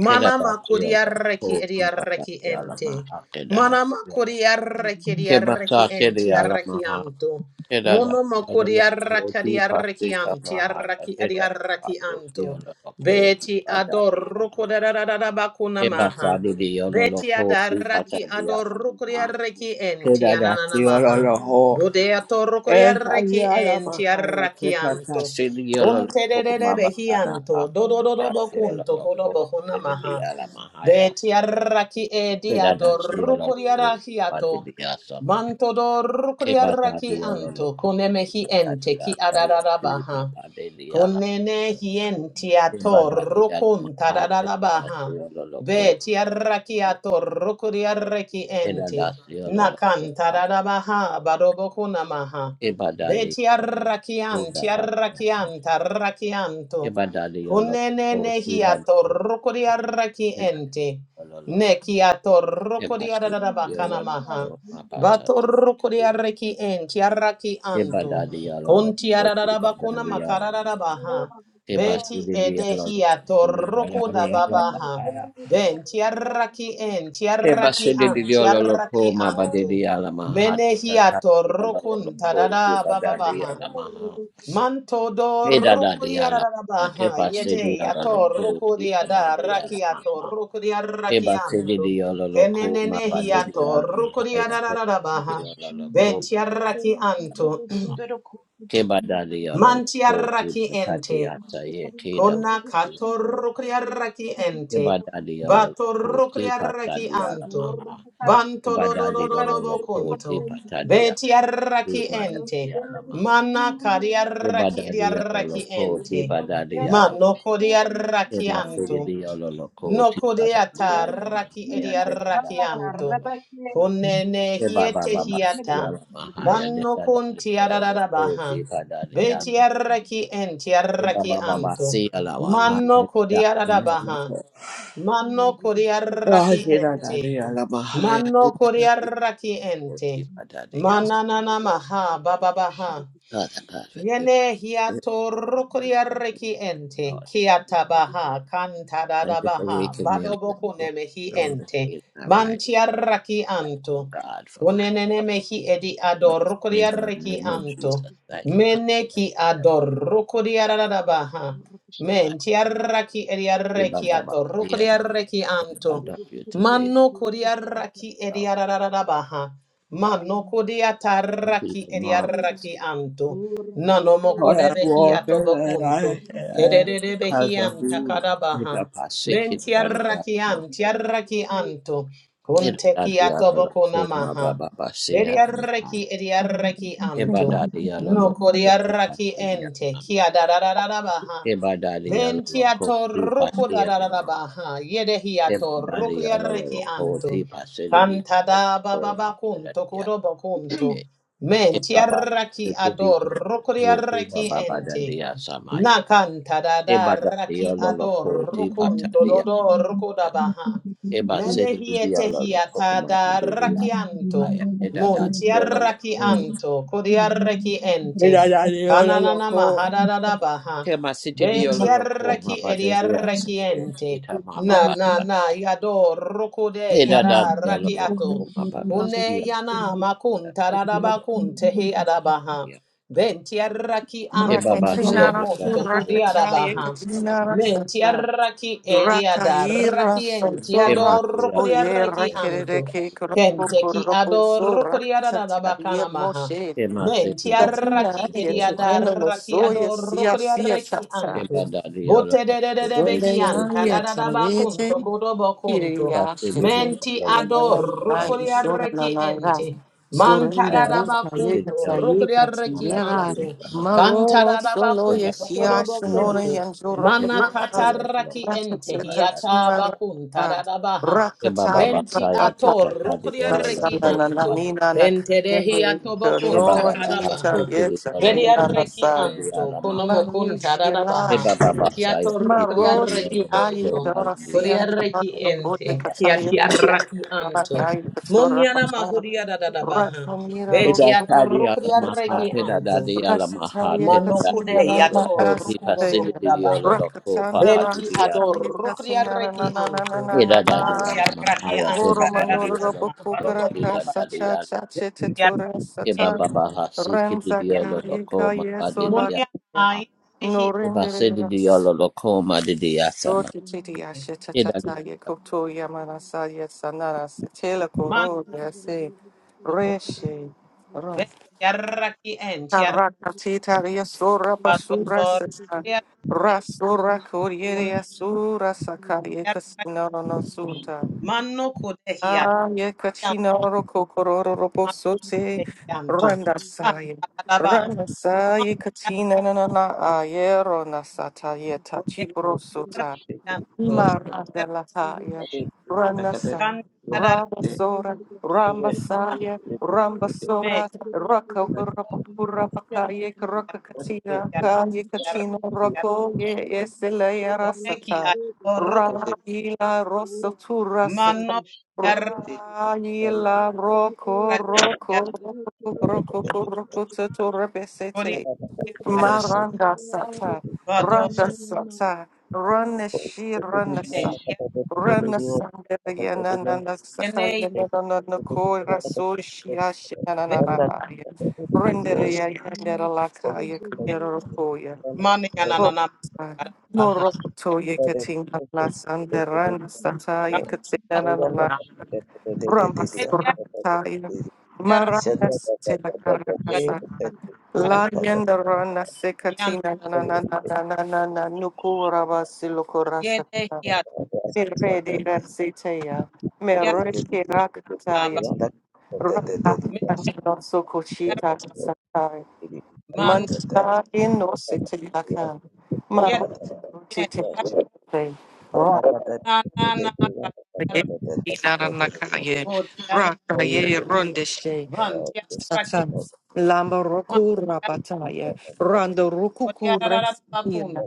S4: Keda dati ala ko
S1: kodiaraki
S4: iba
S1: ediaraki
S4: dati ala
S1: ente.
S4: maha keda
S1: Manama
S4: dati ala.
S1: kodiaraki
S4: Keba
S1: ediaraki
S4: sa
S1: en
S4: kedi ala
S1: tiaraki
S4: maha
S1: anto.
S4: keda
S1: Monomo
S4: dati ala ko
S1: kodiaraki
S4: iba si
S1: ediaraki an
S4: kama haya
S1: tiaraki
S4: keda
S1: ediaraki
S4: dati si
S1: anto.
S4: ala ko
S1: Beti
S4: iba
S1: ador
S4: dati ala.
S1: rukodarabakuna
S4: Keba
S1: maha.
S4: sa didi ala
S1: Beti
S4: ko iba
S1: adaraki
S4: dati
S1: ador
S4: ala maha
S1: rukriaraki enti
S4: keda dati
S1: ananamaha.
S4: ala
S1: Bodea torro
S4: Eh,
S1: coriarreki
S4: ya la
S1: en
S4: bahaya teta
S1: tiarrakianto.
S4: kasi liyo lo
S1: Conte de
S4: ko
S1: de de
S4: mabada
S1: behianto.
S4: aki
S1: Dodo dodo
S4: da siyo lo
S1: bocunto
S4: ko
S1: codobo
S4: pwede
S1: hunamaha.
S4: liya la mahaya
S1: Betiarraki e
S4: pwede da siyo
S1: diador
S4: ko pwede
S1: coriarahiato.
S4: liya sama
S1: Manto dor
S4: kiba da
S1: coriarraki
S4: liyo lo
S1: anto.
S4: ko kiba
S1: Conemehi
S4: da
S1: ente
S4: liya
S1: ki
S4: sayo kiba
S1: adarabaha.
S4: da liya la
S1: Conene enti a
S4: kiba da liya
S1: torro
S4: la
S1: conta
S4: mahaya teta da
S1: dadarabaha.
S4: siyo ko
S1: Betiarraki a torro coriarreki
S4: pwede
S1: ente.
S4: da siyo ko
S1: Nakan tadadabaha baroboko namaha.
S4: kiba da
S1: De
S4: ko
S1: tiarrakian
S4: da ba
S1: tiarrakian tarrakianto.
S4: kiba da liyo
S1: Kunene
S4: ko kiba
S1: nehiato
S4: da
S1: rokodiarraki ente.
S4: liya
S1: Nekiato
S4: Eba sidi di yolo
S1: rokodiaradabakanamaha.
S4: loko ma ba di di
S1: Bato rokodiarraki en tiarraki anto. Kun tiaradabakuna makaradabaha. Beti edehiato rokodababaha. Ben tiaraki en, tiaraki an, tiaraki anto.
S4: yolo ma haya te
S1: Menehiato
S4: ba
S1: rokun tadada bababaha. Manto do rokuriarabaha.
S5: Rabba
S1: Yete yato rokuriada rakiato rokuriarakianto.
S4: di yolo
S1: Kenenehiato rokuriarabaha. Ben
S4: loko
S1: tiaraki anto.
S4: Kebadadi yolol
S1: Man
S4: ko ti
S1: tiaraki
S4: patati
S1: ente.
S4: ata ye kedam.
S1: Kona katorukriaraki ente.
S4: Kebadadi yolol ko ti
S1: Batorukriaraki
S4: patadi yala
S1: anto.
S4: maha.
S1: Banto do do do
S4: Kebadadi
S1: do do
S4: yolol ko ti
S1: bokunto.
S4: patadi ya ti
S1: Betiaraki ente.
S4: madadi yala maha.
S1: Mana kariaraki
S4: Kebadadi
S1: diaraki
S4: yolol ko ti
S1: ente.
S4: badadi yala.
S1: Mano kodiaraki anto.
S4: Kemasudi yolol ko
S1: No
S4: ti badadi
S1: kodeata
S4: yala
S1: raki
S4: maha ya
S1: eria
S4: te kada.
S1: rakianto. Konene
S4: Kebaba
S1: hiete
S4: baba si
S1: hiata.
S4: yala maha ya de
S1: Banno
S4: kada
S1: conti
S4: yolol ko
S1: baha.
S4: ti badadi yala.
S1: Beti arraki enti arraki
S4: Kebaba baba
S1: anto.
S4: si yala maha ya
S1: Manno
S4: de
S1: kodeada
S4: kada.
S1: baha.
S5: Thank
S1: Manno kodia
S4: Oh,
S1: raki
S4: dear,
S1: enti.
S4: Daddy, I love la, ma, hi, dear,
S1: Manno kodia raki
S4: oh,
S1: enti.
S4: dear, da,
S1: Mananana maha bababaha.
S4: God, forgive
S1: Yene
S4: me,
S1: hiato rokoria reki ente,
S4: Lord.
S1: kiata baha, kantada
S4: Thank
S1: da
S4: you for
S1: baha,
S4: waking me up this
S1: badoboko
S4: morning.
S1: mehi
S4: Lord, this
S1: ente,
S4: is my right
S1: mantia raki
S4: to
S1: anto,
S4: God for my
S1: kunene
S4: help,
S1: mehi edi
S4: my
S1: ador rokoria
S4: strength in the
S1: reki
S4: name of
S1: anto,
S4: Jesus. Thank you, God. Thank
S1: meneki
S4: you,
S1: ador rokoria da baha,
S4: God.
S1: mentia raki edi
S4: Dear, ba,
S1: reki
S4: ba, ba,
S1: ato rokoria reki
S4: I
S1: anto,
S4: love you today,
S1: mano koria raki edi
S4: Lord.
S1: da baha,
S4: God.
S1: mano kodia
S4: You be
S1: taraki
S4: a
S1: edi
S4: marvelous.
S1: raki anto, Nano
S4: Lord, I
S1: mokodebehi
S4: walk in the
S1: atobokuntu.
S4: light because
S1: Kededebehi
S4: of you, Lord. Make
S1: antakadabaha.
S4: up our shaking, Daddy.
S1: Mentiarraki
S4: yeah.
S1: antiarraki anto. Kunteki
S4: Ebadadi alolo koma
S1: atobokunamaha.
S4: baba basi alama.
S1: Bediarraki ediarraki anto.
S4: Ebadadi alolo koti
S1: Nokodiarraki
S4: patadi
S1: ente.
S4: alama.
S1: Kia dadadadabaha.
S4: Ebadadi alolo
S1: Ventiato
S4: koti
S1: ruku
S4: pasi alama.
S1: dadadabaha. Yedehiato
S4: Ebadadi
S1: ruku
S4: alolo
S1: yarraki
S4: koti
S1: anto.
S4: pasi lili
S1: Kantada
S4: koma
S1: bababakunto
S4: badadi
S1: kudobokunto.
S4: alama.
S1: Men
S4: Ebaba
S1: tiaraki
S4: kiti di
S1: ador
S4: alolo koti
S1: rokoriaraki
S4: baba badadi
S1: ente.
S4: asamaye.
S1: Nakanta da da
S4: Ebadadi
S1: raki
S4: alolo
S1: ador
S4: koti
S1: rokun
S4: patadi alama.
S1: tododo rokodabaha.
S4: Ebasili lili
S1: Menehiete
S4: alolo
S1: hiata
S4: koma
S1: da
S4: badadi
S1: rakianto.
S4: alama.
S1: Mun
S4: Ebadadi
S1: tiaraki
S4: alolo
S1: anto kodiaraki ente. Kananana
S4: Tema
S1: mahada da da baha.
S4: city di
S1: Be
S4: yolo loko
S1: tiaraki
S4: maba de de asa
S1: eriaraki
S4: de
S1: ente.
S4: ita mama
S1: Na na
S4: bata.
S1: na yador rokode
S4: Ida da di
S1: yara
S4: yolo loko
S1: rakiato.
S4: maba basi
S1: Kune
S4: ya
S1: yana makun
S4: da da di yolo
S1: tararaba kun
S4: loko
S1: tehe
S4: di maba
S1: arabaha.
S4: ya.
S1: Benti arraki
S4: Eba
S1: anto
S4: basi
S1: kodobo
S4: ya la la
S1: kon
S2: Rakatina,
S1: toko di
S4: loko maba de
S1: arabaha.
S4: de
S1: Menti
S2: Rakatina,
S1: arraki eri
S2: Rakaira
S1: adarraki enti
S2: Sansura
S1: adorro
S4: ya
S1: kodi
S4: la
S2: Oye
S1: arraki anto.
S2: Rakereke
S1: Kente
S4: Mama Idadadiololoko. Temasitidiololoko, mabadadiaside, itamamabasa. Idadadiololoko, mababasiya, idadadiololoko, timasiya. Ibabasiyaloloko, mabadadialamamaya, idadadiololoko. Imasiyalamaaya, idadadiololoko.
S1: ki
S2: Kuroko
S1: adorro
S2: Sora
S1: kodi araraba
S2: Sataria
S1: kanamaha.
S2: Moshe
S1: Menti
S4: Imasitidiololoko,
S2: Satina
S1: arraki
S4: mababasiya.
S1: eri
S2: Yetaneno
S1: adarraki
S2: Soya
S1: adorro
S2: Sia
S1: kodi
S2: Sia
S1: arraki
S2: Sata
S1: anto. Bote
S4: Ibadadiololoko,
S1: de de de de
S2: Sunday
S1: behi anta
S2: Yaya
S1: da da da ba kunto
S2: Tayeje Kiriya
S4: timasiya,
S2: Shetel
S1: Menti ador
S2: Malaya
S4: idadadiololoko.
S2: ishona
S1: rukuriarreki
S2: Nanara
S1: ente.
S2: Surrender,
S4: Baba
S2: Rasta,
S4: Basike
S2: Yeka,
S1: Mantarabacunto,
S4: Diallo
S2: Sayeka,
S1: rukuriarreki
S4: Mabadi
S2: Sindera,
S1: anto.
S4: Lama
S2: Maro,
S1: Kantararaba
S2: Solo,
S1: kunto
S4: Baba
S2: Yesia,
S1: Cantarabacunto,
S4: Basia
S2: Shunona,
S4: Lama
S1: kunto
S2: Yanjura,
S4: Teta
S1: Mana
S2: Kumara,
S4: Diallo
S1: catarraki ente,
S2: Rakata,
S4: Ibata
S1: hiata
S2: Tatsuma,
S1: bacunta
S2: Raka,
S1: rabaha.
S4: Baba
S2: Rakata,
S1: Benti
S4: Basaya
S2: Yakata,
S4: Teta
S1: ator
S4: Diallo
S1: rukuriarreki
S4: Loko
S2: Nasana,
S1: anto.
S4: Mabadi
S2: Nanina,
S1: Tente de
S2: Nakayende,
S1: hiato bocunta
S4: Baba
S2: Kano, Tita,
S1: carabaha.
S4: Bahasike
S2: Yeta,
S4: Diallo
S2: China,
S1: Vediarreki
S2: Nasa
S4: Mabadi
S1: anto,
S4: Diallo Maha
S1: konomokun
S2: Marushi
S1: tararabaha,
S4: Baba
S2: Lashi,
S4: Basaya
S2: maroshi
S4: Kiti
S2: Marushila Shri
S1: kiatorokriarreki
S4: Diallo
S2: Marushila
S4: Loko
S1: anto,
S4: Mabadi
S2: Yedora Sian
S4: Diallo
S2: Yodora
S1: koriarreki ente,
S4: Ibata
S2: Kataya
S1: kiatiarraki anto,
S2: Rabakai
S4: Diallo
S2: Katura
S1: moniana mahuria dadadabaha,
S2: Rasamira
S4: Pita
S2: Rosu
S4: tadi ala maha,
S1: betiadorokriarreki
S4: pita
S1: anto,
S4: dadi ala maha,
S2: Rasataya
S4: pita dadi
S1: manokude
S2: Katina
S4: ala
S2: Nama
S4: loko, pipa sidi
S2: Asaya
S4: didi ala
S1: yatorukudobohudabaha,
S4: loko,
S2: Rakatanda
S4: papa
S1: benti
S4: didi ala
S2: Rasataya
S4: maha,
S2: Katina
S1: adorokriarreki anto,
S4: pita dadi
S2: Nananananana
S4: ala maha,
S1: mantiarraki
S2: Guru
S1: anta
S4: pita dadi
S2: Manura
S4: ala
S1: dadadabaha,
S4: loko,
S2: Bukukara
S4: pita
S1: barobohudabaha,
S2: Kasa
S4: dadi
S2: Cha
S4: ala,
S2: Cha Chitatura
S1: bentiarraki
S4: pipa
S2: Satan
S1: ente,
S4: baba hasi kiti
S2: Renza
S4: didi ala
S2: Kaya
S4: loko,
S2: Kaya
S4: mapa didi
S2: Solaka
S4: ala maha,
S1: moniana
S2: no
S4: pipa
S2: rendere
S4: sidi didi
S2: yas.
S4: ala loko, ma didi asama.
S2: Roti titi yashe tatata ye koto
S5: you.
S2: yamanasa yesanara sitela
S5: Thank
S1: Mando
S2: koro yase
S1: con
S2: reshe ro.
S1: ve yarraki en
S2: Karaka tita yasura
S1: chiarrato
S2: basura sesa.
S1: torriarki
S2: Rasura
S1: un
S2: kuriere yasura sakaye
S1: yarraki
S2: kasina no no suta.
S1: manno kudehia
S2: Ah ye
S1: yan
S2: kachina oro kokororo robo
S1: mante
S2: sote.
S1: yanto
S2: Randa saye.
S1: canta la baja
S2: Randa saye
S1: manto
S2: katina na na na ayero nasata ye
S1: de
S2: tachibro
S6: Yes,
S2: sota.
S1: yanto
S6: I
S2: Imarandalakaya,
S6: think we are like that.
S2: Ranasa,
S1: canta
S6: Yeah,
S1: la
S6: the
S2: Rabasora,
S6: happiness
S2: Rambasaya,
S6: is the
S1: me
S2: Rambasora, Raka
S6: what
S2: Rapakaya, Raka
S6: is it?
S2: Katina,
S6: What
S2: Kaya Katina,
S1: yarraki
S2: Rako, Yeselaya Rasata,
S1: mano
S6: is it?
S2: Raila Rosatura Sata.
S1: manno yarraki
S6: It is about
S2: Raila Roko Roko Roko
S6: the
S2: Roko
S6: happiness.
S2: Roko Roko
S5: you.
S6: So
S2: Roko
S1: yarraki
S6: that
S5: Thank
S6: the Yes. so
S2: Maranda Sata,
S1: yarraki
S2: Randa Sata, Rana Shi
S6: it is
S2: Rana
S6: more
S2: Sa,
S6: like a better
S2: Rana
S6: video. But it is
S2: Sandaryana
S6: not
S2: Nana
S1: me
S2: Sakaya Nana Nako
S6: the
S2: Raso
S6: it is
S2: Shia
S6: not the
S2: Shanana
S1: yarraki
S6: and that the video is
S2: Renderia Yandera
S6: for
S2: Lakaya
S6: the and
S2: Kundera Koya,
S1: Mani
S6: the
S1: ananana karabaha.
S2: Morokotoya Katina
S6: the
S2: Las and
S6: the
S2: Randa Sata
S6: the
S2: Yakatina
S6: Thank
S2: Nana. Rama's
S1: Yar
S2: Ramaskuratayo,
S1: yar
S2: Maranas
S1: yar
S2: Telakarakasa,
S1: yar
S2: Layenda Rana
S1: yan
S2: Sekatina Nananana Nukuraba Silokurasa,
S1: yede yar
S2: Miredi Rasiteya,
S1: yar
S2: Mereke
S1: aba
S2: Rakataya, Rata
S1: me yar
S2: Sokochita Satai,
S1: man
S2: Mansta in no Sitilakan,
S1: yar yan yar
S2: Marotitay, Rakaye,
S1: na na na kar
S2: Naranakaye,
S1: o yar
S2: Rakaye, Rondeshe.
S1: van yar raki
S2: Satan. Lamba
S1: man
S2: roku
S1: yar
S2: rabataya, randa
S1: o yar
S2: rukuku
S1: ra ra ra kun
S2: resina,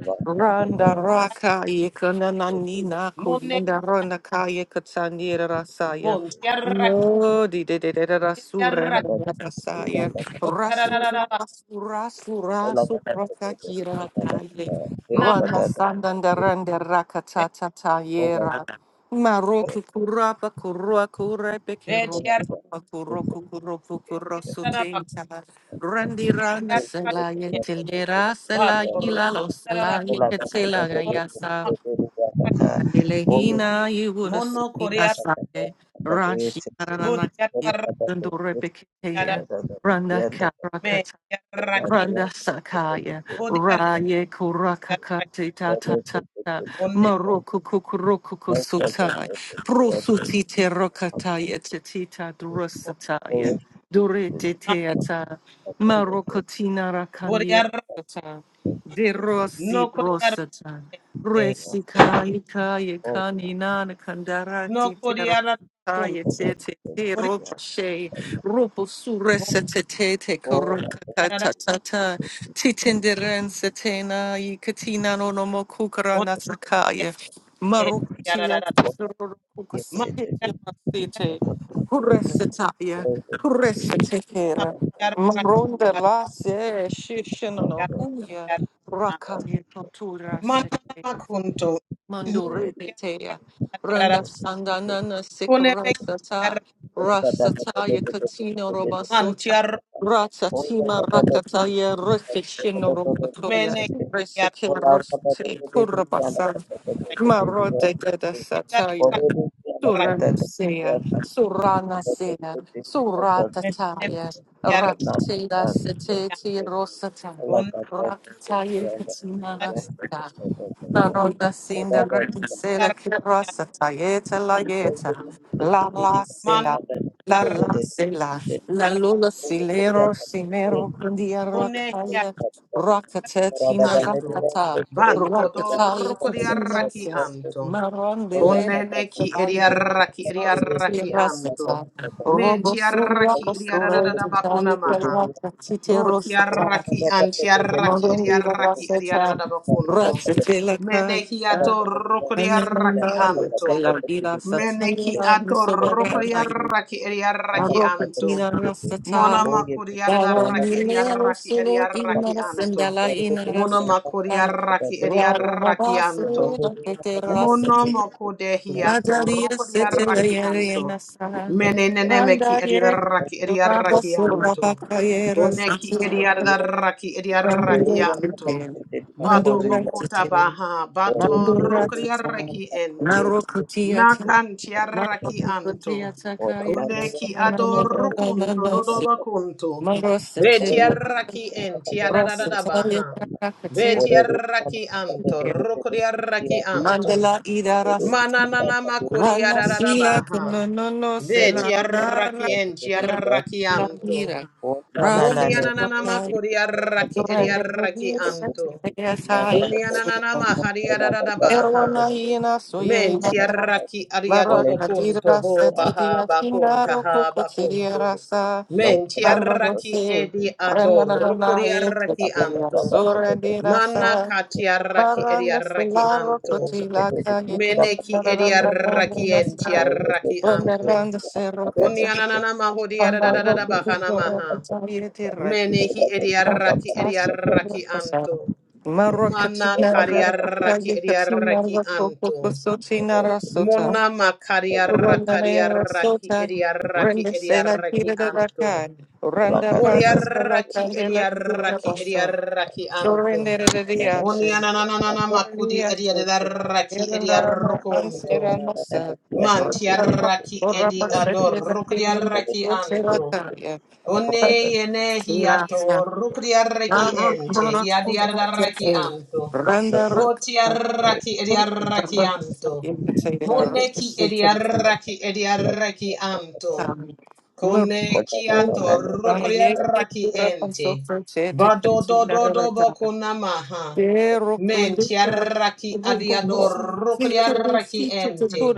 S6: you.
S2: randa raka yekananina
S1: mone
S2: kuyenda randa kaya katsanira rasaya.
S1: bon yar raki
S2: No, di de de de de
S1: yar
S2: rasura
S1: raki
S6: Thank
S2: rasaya,
S1: o yar ra ra
S2: rasura
S1: ra
S2: rasura sura sukraka kira kaye,
S1: na
S2: randa sandanda randa
S1: de
S2: rakata tata
S1: o
S2: Maroku kurapa kurua kurepe
S1: de yar
S2: kiroku kuroku kuroku
S1: o yar
S2: kurosu
S1: ra ra
S2: tinta.
S1: me
S2: Randi rana
S1: yar
S2: sela ye
S1: raki
S2: tilera
S1: va
S2: sela yila
S1: tor
S2: lo sela ye ketela gayasa. Andelehina ye wuna
S1: Mono
S2: suina
S1: Korea
S2: sake. Ranshi ranana ye
S1: Bodiaraki
S2: kundure pekeya. Randa
S1: Me Yaraki
S2: Randa Sakaya,
S1: Bodiaraki
S2: Raya Kurakakate Tata Tata,
S1: Bone
S2: Maroko Kukurokuko Sutai,
S6: you.
S2: Prosutite
S6: Praise
S2: Rokataya Tetita Drusataya,
S6: your
S2: Durete Teata,
S1: Kanan
S2: Marokotina Rakanyera
S1: Bodiar
S2: Sata, De Rossi
S1: No Korea
S2: Brosata,
S6: Lord
S2: Resi Kalikaya
S6: for
S2: Kaninana
S1: No
S2: Kandarati
S1: Korea Kun
S2: Terosataya
S6: the
S2: Tete
S6: good.
S1: Korea
S6: We are
S2: Robo sure setetete
S6: all that
S2: korokata
S1: Bodiara
S2: tatata.
S1: Me
S2: Titinderen setena i katina no no mo kukara
S1: Bone
S2: natsakaya. Marutia
S1: Yarara
S6: God gives
S1: Man
S6: it to do. Because
S2: kukasatetete.
S6: of the goodness,
S2: Huresetaya.
S6: praise it to do.
S2: Huresetekera.
S1: Yaraki
S2: Maronda la se
S6: Because of
S2: shishinono
S6: the
S2: uya.
S6: God,
S2: Rakami tontura
S1: Manama Kunto
S6: praise
S2: Manduri
S6: it
S2: Petea,
S6: to
S1: Yarara
S2: Randa
S6: do.
S2: Sandanana
S1: Kone Me
S2: Sikarasata, Rasataya katino
S1: Yarman
S2: Robasota,
S1: Tiar
S6: All that
S2: Ratatima
S6: the Lord has
S2: Rakataya
S6: given us, all
S2: Rufishino
S6: that the Lord has
S2: Robotoya,
S1: Mene
S6: given us,
S1: yar
S2: Reseke
S6: all our Father, the Lord
S2: Roste
S6: has given us, all our
S2: Kurabasan,
S6: Father, the Lord has given us,
S2: Marote Gada
S1: yar
S6: all
S2: Sataya.
S6: our
S1: rak
S6: Father, the Lord has
S2: Suramasea,
S6: given us. that
S2: Suranasea,
S6: expected effort
S1: mene
S2: Suratataya,
S1: yar
S6: but not
S2: Raksela
S6: done.
S2: Seteti Rosata,
S6: Allah
S1: on
S6: got that is
S2: Rakataya
S6: beyond the
S1: yar
S6: rest of the
S2: Katina
S6: photo here.
S2: Sarota
S6: So
S2: sinda
S6: that
S1: mon
S6: was
S2: grandisela
S1: yar
S2: kibra
S1: yar
S2: satayeta la yeta
S6: also the
S2: la la
S6: feeling that
S1: man
S2: sela
S6: happened
S2: la
S6: with
S1: yar
S6: the
S2: la sela
S6: detention.
S2: la
S1: yar
S2: lula
S6: Over the job
S2: silero
S6: of the
S2: simero
S6: feeling
S2: grandia
S1: one
S2: rocaya
S6: rather
S2: rocatetina
S6: than letting
S1: anto.
S6: us
S2: rocata
S6: take it. So
S1: Banto
S6: we have to talk to the deal, they created the deal
S1: do
S2: rocataya
S6: that
S1: roko di
S6: the
S2: katina
S1: arraki
S2: se
S6: deal is
S1: anto.
S6: Oya
S2: marondele
S6: kata
S1: Konene
S6: kata
S1: ki eri
S2: sabaya
S1: arraki eri
S6: kata yes
S1: arraki
S2: Tira
S6: kata
S1: anto.
S2: seta robo
S1: Menti
S2: sura
S6: kata
S1: arraki eri
S2: osura
S1: arararara
S6: kata
S1: bakona
S2: tetaya
S1: maha.
S2: kara
S6: kata
S2: titero
S1: Voti arraki anti arraki eri
S2: Morumbiba
S1: arraki eri
S2: Vasota,
S1: arararara bakonto.
S2: Rasatila
S1: Mene ki
S2: Kaita,
S1: ato roko di
S2: and then
S1: arraki
S2: Mario
S1: anto.
S2: Tila Vida
S1: Mene ki
S2: Satanila
S1: ato roko di
S2: Musoberana,
S1: arraki eri arraki anto.
S2: Marokatina Rasata,
S1: Mona makuri
S2: Dara
S1: arraki eri
S2: Milero
S1: arraki eri
S2: Sulu
S1: arraki
S2: Inara
S1: anto.
S2: Sandala Inara
S1: Mono makori
S2: Sata,
S1: arraki edi
S2: Rara
S1: arraki anto.
S2: Havasu Laketeras,
S1: Mono moko dehi ato
S2: Nadaria
S1: roko di
S2: Setila
S1: arraki anto.
S2: Yerianasa,
S1: Mene nene meki
S2: Randa
S1: edi
S2: Yet,
S1: arraki edi arraki
S2: Rabasu
S1: anto.
S2: Rabakayera
S1: Koneki edi arraki edi arraki anto.
S2: Mandurate,
S1: Bato
S6: Thank you.
S1: bokota
S2: mandurate,
S1: baha bato
S6: और
S1: roko di
S2: mandurate,
S1: arraki ente.
S2: narokutiata,
S1: Nakanti arraki anto.
S2: narokutiata,
S1: Koneki
S2: kayakatsina,
S1: adoro kunto
S2: mananananosi,
S1: dodoba kunto.
S2: marosate,
S1: Beti arraki enti adadadada
S2: rosataya,
S1: baha.
S2: kakatira,
S1: Beti arraki anto, rokodi arraki anto.
S2: mandala idaras,
S1: Mananana makodi
S2: rana sila,
S1: adadadabaha.
S2: kunonono, sila,
S1: Beti
S2: nara,
S1: arraki enti
S2: sila,
S1: arraki
S2: sila,
S1: anto.
S2: mira, rasa,
S1: Muni
S2: sila,
S1: ananana
S2: kaya,
S1: makodi arraki edi
S2: durande,
S1: arraki anto.
S2: Sela,
S1: Kuni ananana
S2: Sela,
S1: mahari adadadabaha.
S2: Erona hiena soye
S1: Menti
S2: hata.
S1: arraki
S2: Mara
S1: adiadobo
S6: Thank
S1: kunto
S2: kadira
S1: ho
S2: sete
S1: baha
S2: dia tinga
S1: bakunta
S2: roko
S1: ha
S2: kotsiria
S1: bakunto.
S2: rasa.
S1: Menti
S2: Ano
S1: arraki
S2: dosi.
S1: edi
S2: Renga
S1: ador,
S2: na na na
S1: rokodi
S2: ye
S1: arraki
S2: kotsiria
S1: anto.
S2: sore di
S1: Mana
S2: rasa.
S1: katiaraki
S2: Baranga
S1: ediaraki
S2: selaro
S1: anto.
S2: kotila kaya
S1: Meneki
S2: kotsiria na na na na na
S1: ediaraki
S2: na sa.
S1: entiaraki
S2: Wanda
S1: anto.
S2: randa sero katsa.
S1: Kunyananana
S2: Amba
S1: mahodiadadadada
S2: roko
S1: bahana
S2: kubo roko
S1: maha.
S2: tsa
S1: Menehi
S2: Render
S1: ediaraki
S2: se
S1: ediaraki anto. Mana kariaraki ediaraki anto. Mona makariarakariaraki ediaraki ediaraki
S2: la
S1: ediaraki
S2: tira de la
S1: anto.
S2: calle, render render se la
S1: Boriaraki
S2: tira
S1: ediaraki
S2: paso,
S1: ediaraki
S2: yo
S1: anto.
S2: render de
S1: Onianananana
S2: yo
S1: makudi
S2: día se,
S1: ediaraki
S2: era la la
S1: ediarokonto.
S2: ansiera no se, render va
S1: Mantiaraki
S2: por la
S1: edi
S2: parcela
S1: ador
S2: de la tira de la
S1: rokdiaraki
S2: dulce la
S1: anto.
S2: calle,
S1: Kone yene hiato rukriarreki
S6: you.
S1: ente, hiadiarraki anto,
S6: No
S1: botiarraki ediarraki anto,
S6: second
S1: moneki ediarraki ediarraki anto, kone kiato rukriarraki ente, bado do do do bokunamaha, mentiarraki adiador rukriarraki ente,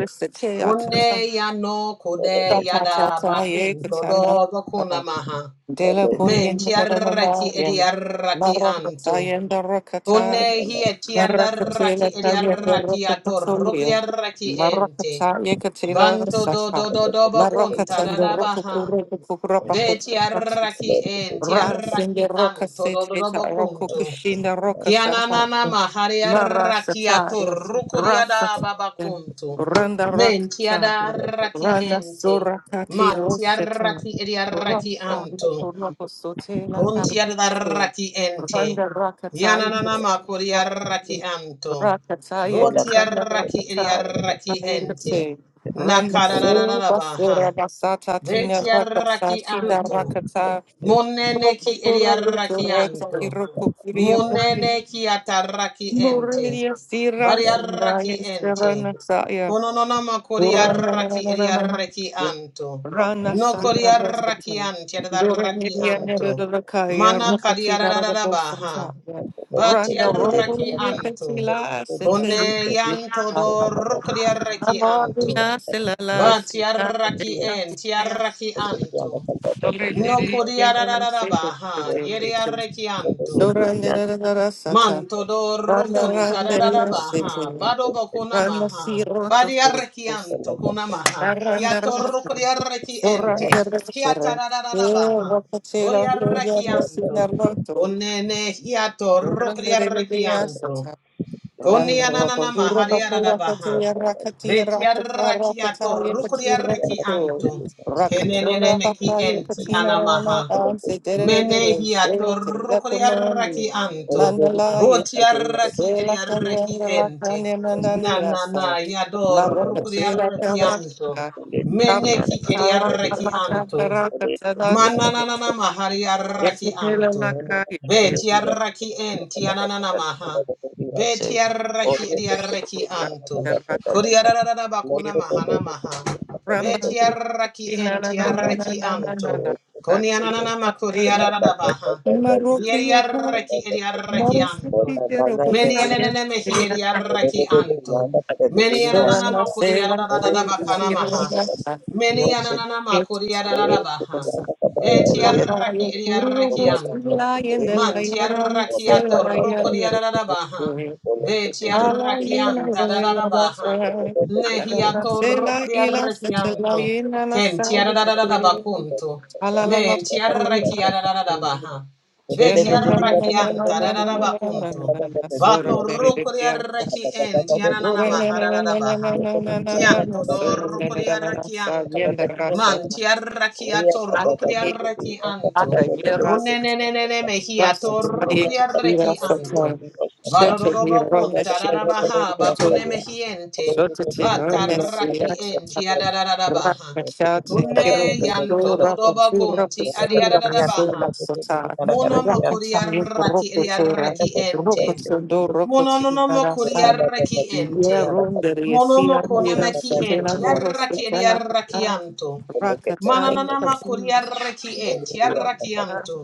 S1: Kone ya no kode yada bakun dodo bakuna maha.
S2: Dela
S1: Men
S2: Korean,
S1: tiaraki
S2: Maracata,
S1: ediaraki anto.
S2: and Maracata
S1: Kone hi etiaraki
S2: Marrakatela Kaya
S1: ediaraki ato
S2: Rokapasolia,
S1: rukriaraki ente.
S2: Marrakataya Katela the
S1: Banto do
S2: Saka,
S1: do do do bakun
S2: Marrakatan the
S1: tadada baha.
S2: Rokapura Kukura
S1: Betiaraki entiaraki
S2: Rasinde roka
S1: anto do do do
S2: seteta roku
S1: bakunto.
S2: kushinda roka
S1: Kianana
S2: sataya.
S1: maharia
S2: Mara
S1: rakiato
S2: sataya.
S1: rukuriada
S2: Rasataya.
S1: babakuntu.
S2: Randa
S1: Mentiada
S2: rakataya.
S1: raki
S2: Rana
S1: ente.
S2: surakati
S1: Mantia
S2: roshetaya.
S1: raki eria raki
S2: Randa
S1: anto.
S2: kuroko sotela
S1: Kuntiada
S2: kalite.
S1: raki ente.
S2: Randa rakataya.
S1: Yananana makuria raki anto.
S2: Rakataya
S1: Gotia
S2: katana
S1: raki eria
S2: rakataya.
S1: raki
S2: Kataya
S1: ente.
S2: kate. Randa soba
S1: Nakararararabaha.
S2: sura basata tina
S1: Betia raki
S2: rakasatita
S1: anto.
S2: rakataya.
S1: Munene ki eliarraki anto, Munene ki atarraki ente.
S2: Buria Sira
S1: Variarraki
S2: Sandaya
S1: ente.
S2: Serana Saya
S1: Konononama
S2: Urana
S1: koriarraki
S2: Rana
S1: eliarraki anto.
S2: Rana
S1: No
S2: Sandara
S1: koriarraki
S2: Satan
S1: ante erdarraki
S2: Durania
S1: anto.
S2: Nerakaya
S1: Mana
S2: Rukatila
S1: kariararabaha.
S2: Santaya Randa
S1: Batiarraki
S2: Rokuria
S1: anto.
S2: Petila
S1: Kone
S2: Setin
S1: yanto do rukriarraki anto.
S2: Navadina Silala
S1: Batiarraki ente, yarraki anto.
S2: Surrender,
S1: No kodiarararabaha, yeriarekianto. Manto dor kunta rararabaha, bado bokunamaha, badiarekianto kunamaha, kiator kodiareki ente, kiatarararabaha, boriarekianto, unene hiator kodiarekianto,
S2: Ran roto
S1: koniananama
S2: duro bakura
S1: hariarabaha,
S2: katia rakatia rataka
S1: betiarakiator
S2: rakataya pati rokato.
S1: kodiarekianto, kenene
S2: Rakatura
S1: meki
S2: bakaya
S1: enti
S2: katina rana
S1: anamaha.
S2: an se derere
S1: Menehi
S2: se te
S1: atorokori
S2: lakononi.
S1: arraki anto.
S2: Mandala
S1: Boti
S2: yetre se
S1: arraki eri
S2: la
S1: arraki
S2: kanyanda la
S1: ente.
S2: kanya
S1: Na
S2: mandani
S1: na
S2: rasa.
S1: na
S2: Maroka
S1: yadorokori
S2: te
S6: Thank
S2: la
S6: you.
S1: arraki
S2: kara
S1: anto.
S6: Dios
S2: kara
S1: Meneki eri arraki
S2: kara
S1: anto.
S2: kara
S1: Mananana mahari arraki anto. Beti arraki enti ananana maha. Beti arraki eri arraki anto.
S2: kara kara
S1: Kori ararara bakuna mahana maha.
S2: Ramba
S1: Beti arraki
S2: Na na
S1: enti
S2: na na na
S1: arraki
S2: na na na
S1: anto.
S2: na.
S1: Koni
S2: Saki
S1: anana makuri
S2: na na.
S1: arada baha. Yeri
S2: Marokia na.
S1: arraki eri arraki anto.
S2: Marosiki kero
S1: Meni
S2: bosa
S1: enene
S2: yes
S1: mehi eri
S2: na.
S1: arraki anto. Meni
S2: Sura
S1: anana
S2: na
S1: makuri
S2: sela
S1: arada
S2: na
S1: da
S2: ye
S1: bakana
S2: basiro
S1: maha.
S2: na sa.
S1: Meni
S6: se
S1: anana makuri arada
S6: cree
S1: baha.
S2: Bosa
S1: Beti
S2: pata
S6: que
S1: arraki
S2: ye
S1: eri
S2: kuru
S6: Thank
S1: arraki
S2: bosa
S1: anto.
S2: la ye ndela ye
S1: Manti
S2: rana
S1: arraki
S2: sela
S1: ato
S2: na ye
S1: rokuri arada baha.
S2: ye.
S1: Beti
S2: Ala
S1: arraki
S2: ye na
S1: anta
S2: ye
S1: da baha.
S2: basa.
S1: Nehi
S2: Rana
S1: ato
S2: sela
S1: rokuri
S2: ila
S1: arraki
S2: se chela
S1: anto.
S2: ye na na sa
S1: Kenti
S2: ye
S1: arada da
S2: kete.
S1: bakunto.
S2: Ala la la.
S1: Men tiarraki adadadabaha.
S2: Shut
S1: Ve tiarraki antadadadabakuntu. Bato rukuriarraki en tiananama haradadabaha. Kianto do rukuriarraki anto. Man tiarraki ato rukuriarraki anto.
S6: you.
S1: Kunenenenene mehi ato rukuriarraki anto. Vadodorobakun tadadabaha bakune mehiente. Batarraki en tiadadadabaha.
S2: Rakashate
S1: Kunne
S2: kiroto
S1: yanto
S2: Rapatura,
S1: dodoba
S2: sura
S1: kunti
S2: pasura pasura
S1: adiadadabaha.
S2: pasura sota.
S1: Mono makuri
S2: Rakashami roto sura.
S1: arraki enti.
S2: Roko sondo roko
S1: Mononomo
S2: tinara san.
S1: kuriarraki ente.
S2: Yerunde riesi
S1: Monomo
S2: andira
S1: konemaki
S2: sotela
S1: ente.
S2: roho
S1: Yarraki
S2: sotela kana.
S1: ediarrakianto.
S2: Rakatai
S1: Manananama
S2: patina.
S1: kuriarraki ente. Yarrakianto.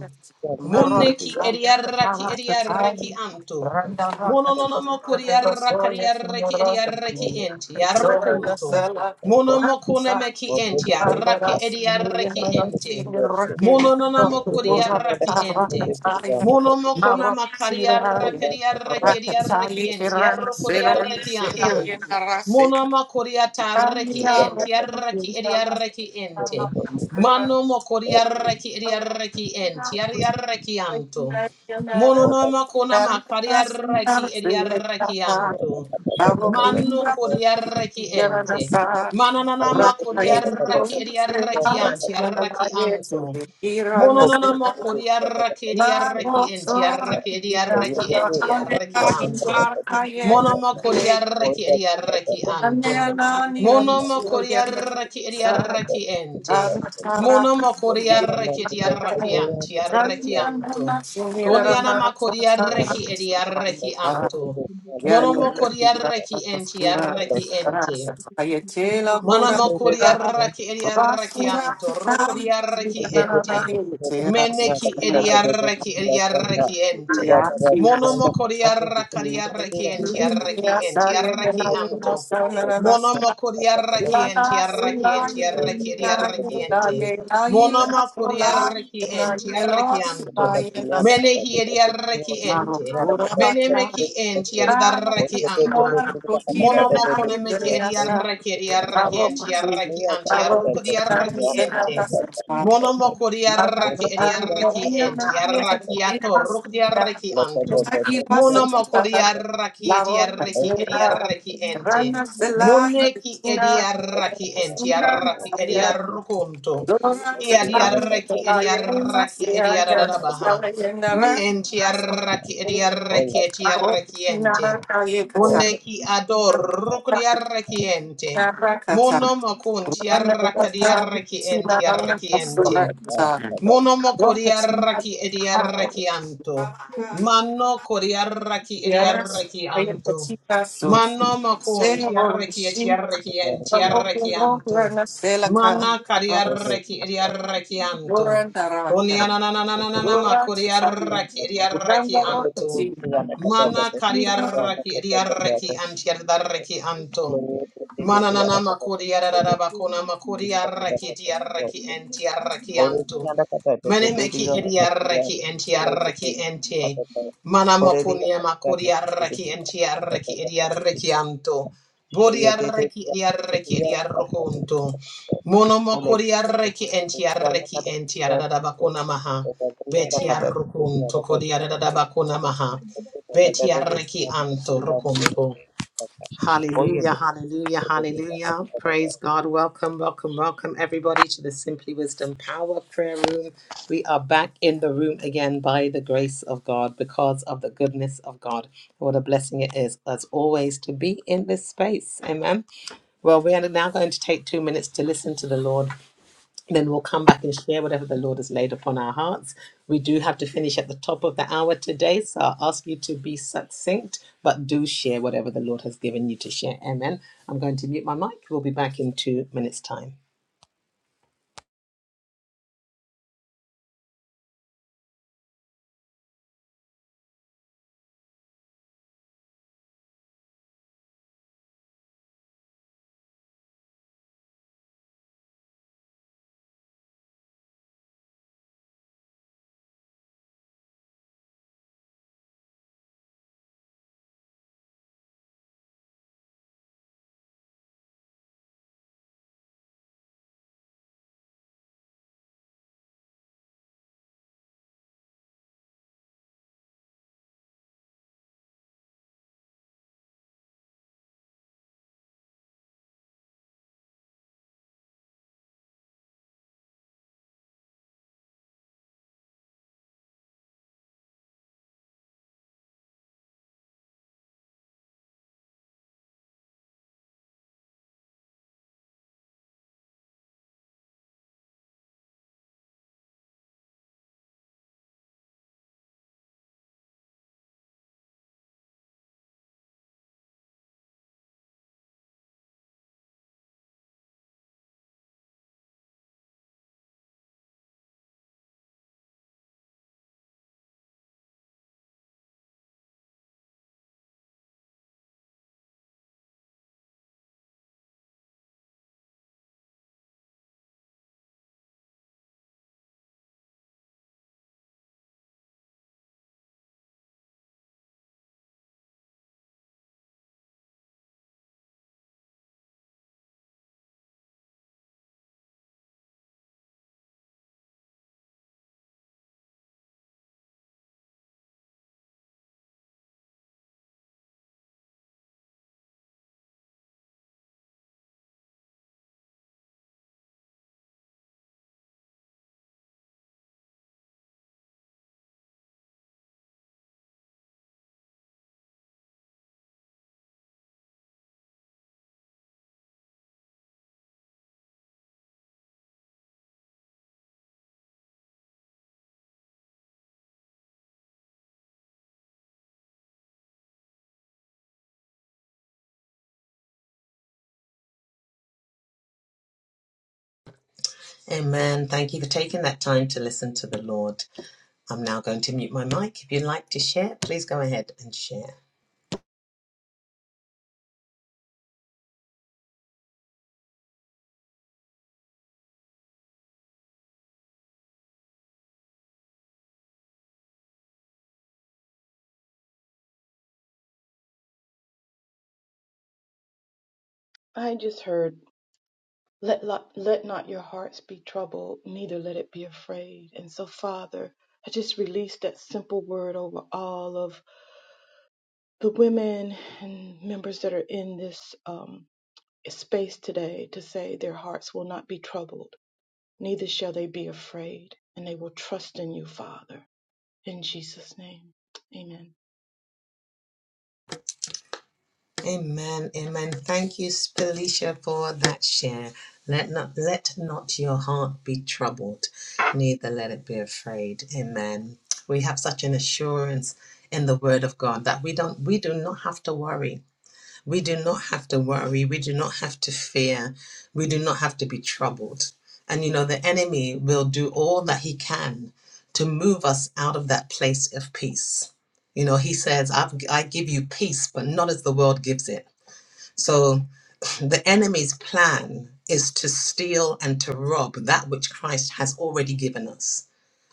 S1: Muneki ediarraki ediarraki
S2: Marakatai.
S1: anto.
S2: Randa
S1: Mononomo
S2: rakatai.
S1: kuriarrakariarraki ediarraki ente.
S2: Rakatai.
S6: Thank you.
S1: Yarrukunto.
S2: Rakatai.
S1: Monomo konemaki
S6: और
S1: ente. Yarraki ediarraki ente. Mononomo kuriarraki ente. Monomoko namakaria rakeria rekeria rekienti arrokodia rekianto.
S2: Rakatali
S1: Monomokoria tarreki enti arraki eria rekiente. Manomokoria reki eria rekienti aria rekianto. Monomoko namakaria reki eria rekianto. Mano kori koria rekiente.
S2: Thank
S1: Manananama koria reki eria rekianti arrakianto. Mononona makori arraki edi arraki enti arraki edi arraki anto. Mono makori arraki edi arraki anto. Mono makori arraki edi arraki ente.
S6: ये
S1: Mono
S6: तो
S1: makori
S6: चलते हैं
S1: arraki edi
S6: बिना
S1: arraki
S6: किसी वाले
S1: anti
S6: तो तो तो
S1: arraki
S6: क्या होता है
S1: anto.
S6: तो तो तो
S1: Koniana makori
S6: यार
S1: arraki edi arraki
S6: तो
S2: you.
S6: तो तो यार तो तो तो
S1: anto.
S6: यार
S2: Yes,
S1: Mono makori arraki enti arraki ente.
S6: तो
S1: Manama
S6: तो तो यार
S1: kuriaraki ediaraki anto,
S6: तो तो तो यार तो तो तो यार तो
S1: rokuriaraki
S6: तो
S1: ente.
S6: तो यार तो तो तो यार तो तो तो यार तो तो तो यार तो
S1: Meneki
S6: तो तो यार तो तो तो यार तो तो तो
S1: ediaraki
S6: यार तो तो तो
S1: ediaraki ente.
S5: you.
S1: Monomo kuriarakariaraki
S5: Thank
S6: यार
S1: ente, yaraki ente, yaraki anto. Monomo kuriaraki ente, yaraki ente, yaraki
S6: तो
S1: ediaraki
S6: तो तो
S1: ente.
S6: यार
S1: Monoma kuriaraki ente, yaraki
S6: तो
S1: anto.
S6: तो तो यहाँ तक
S1: Menehi
S6: आते थे तो
S1: ediaraki
S6: तो
S1: ente.
S6: यहाँ तक
S2: Marokura
S6: आते थे
S2: Bakra,
S6: तो
S1: Menemeki
S6: तो
S1: ente, yardaraki
S6: तो तो तो तो
S1: anto.
S2: Thank
S6: यहाँ तक आते थे
S1: Monomoko
S6: तो तो तो
S1: ne
S6: तो
S1: meki
S6: तो
S1: ediarreki
S6: तो
S1: ediarreki entiarreki
S6: यहाँ तक आते
S1: antiarruko
S6: थे तो तो
S1: diarreki ente.
S6: तो तो तो तो
S1: Monomoko diarreki
S6: यहाँ
S1: ediarreki
S6: तक आते थे तो तो तो तो तो तो यहाँ तक आते थे तो तो
S1: entiarraki atorruko diarreki
S6: तो तो तो
S1: antum.
S6: तो यहाँ तक आते
S1: Monomoko
S6: थे
S1: diarreki
S6: तो तो तो
S1: ediarreki
S6: तो तो
S1: ediarreki ente.
S6: तो यहाँ तक आते
S1: Moneki
S6: थे
S1: ediarreki entiarraki ediarrukunto. Kia
S6: तो
S1: diarreki ediarreki ediaradabaha. Me enti entiarraki
S5: you.
S2: you.
S1: ediarreki entiarreki
S5: Thank
S1: ente.
S2: Arochinaara
S5: you.
S2: kaya
S6: तो
S2: kacar,
S1: Koneki ador
S6: तो
S1: kodiarreki ente.
S2: chana kacar,
S1: Mono mokun
S2: roana
S6: त
S1: tiarraka diarreki enti,
S2: rochinaara
S1: tiarreki ente.
S6: Thank
S2: kacar. Arochinaara kaya
S1: Monomo
S2: kacar,
S1: koriaraki ediaraki anto. Mano koriaraki
S2: rochinaara
S1: ediaraki
S2: kaya
S1: anto.
S2: kacar.
S1: Mano makon tiaraki
S2: Sehonshi
S1: etiaraki en tiaraki anto.
S2: rokunokuna seleka
S1: Mana
S2: roms
S1: kariaraki ediaraki anto.
S2: borantara,
S1: Koniananananana
S2: borantara,
S1: makoriaraki ediaraki
S2: borantara
S1: anto.
S2: rochina
S1: Mana
S2: rokunokuna.
S1: kariaraki ediaraki antiaraki anto. Mananana makuriarabakona makuriaraki ediaraki en tiaraki anto. Mene meki ediarreki entiarreki ente. Mana mokunia makuriarreki entiarreki ediarreki anto. Bodiarreki ediarreki ediarrokunto. Mono mokuriarreki entiarreki
S6: you.
S1: entiarradabakuna maha.
S6: Good
S1: Betiarrokunto kodiarradabakuna maha. Betiarreki anto rokunto. Hallelujah, hallelujah, hallelujah. Praise God. Welcome, welcome, welcome, everybody, to the Simply Wisdom Power Prayer Room. We are back in the room again by the grace of God, because of the goodness of God. What a blessing it is, as always, to be in this space. Amen. Well, we are now going to take two minutes to listen to the Lord then we'll come back and share whatever the Lord has laid upon our hearts. We do have to finish at the top of the hour today, so I'll ask you to be succinct, but do share whatever the Lord has given you to share. Amen. I'm going to mute my mic. We'll be back in two minutes' time. Amen. Thank you for taking that time to listen to the Lord. I'm now going to mute my mic. If you'd like to share, please go ahead and share.
S5: I just heard, let, lo- let not your hearts be troubled, neither let it be afraid. And so, Father, I just release that simple word over all of the women and members that are in this um, space today to say their hearts will not be troubled, neither shall they be afraid, and they will trust in you, Father. In Jesus' name, amen.
S1: Amen, amen. Thank you, Felicia, for that share. Let not let not your heart be troubled, neither let it be afraid. Amen. We have such an assurance in the Word of God that we don't we do not have to worry. We do not have to worry. We do not have to fear. We do not have to be troubled. And you know the enemy will do all that he can to move us out of that place of peace. You know, he says, I've, I give you peace, but not as the world gives it. So the enemy's plan is to steal and to rob that which Christ has already given us,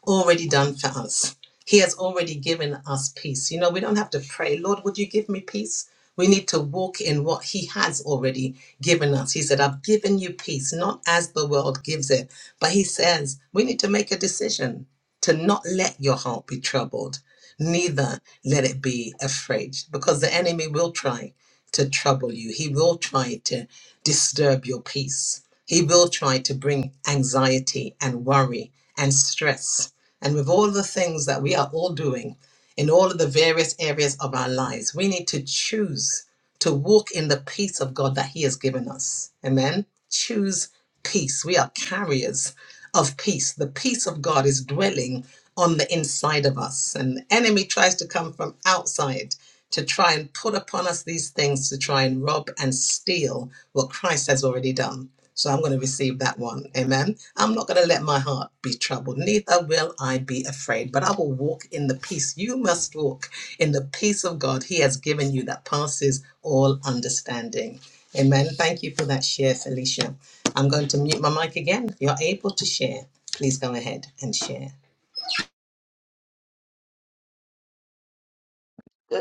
S1: already done for us. He has already given us peace. You know, we don't have to pray, Lord, would you give me peace? We need to walk in what he has already given us. He said, I've given you peace, not as the world gives it. But he says, we need to make a decision to not let your heart be troubled, neither let it be afraid, because the enemy will try to trouble you. He will try to disturb your peace. He will try to bring anxiety and worry and stress. And with all the things that we are all doing in all of the various areas of our lives, we need to choose to walk in the peace of God that He has given us. Amen. Choose peace. We are carriers of peace. The peace of God is dwelling on the inside of us. And the enemy tries to come from outside to try and put upon us these things to try and rob and steal what Christ has already done. So I'm going to receive that one. Amen. I'm not going to let my heart be troubled, neither will I be afraid, but I will walk in the peace. You must walk in the peace of God He has given you that passes all understanding. Amen. Thank you for that share, Felicia. I'm going to mute my mic again. If you're able to share, please go ahead and share.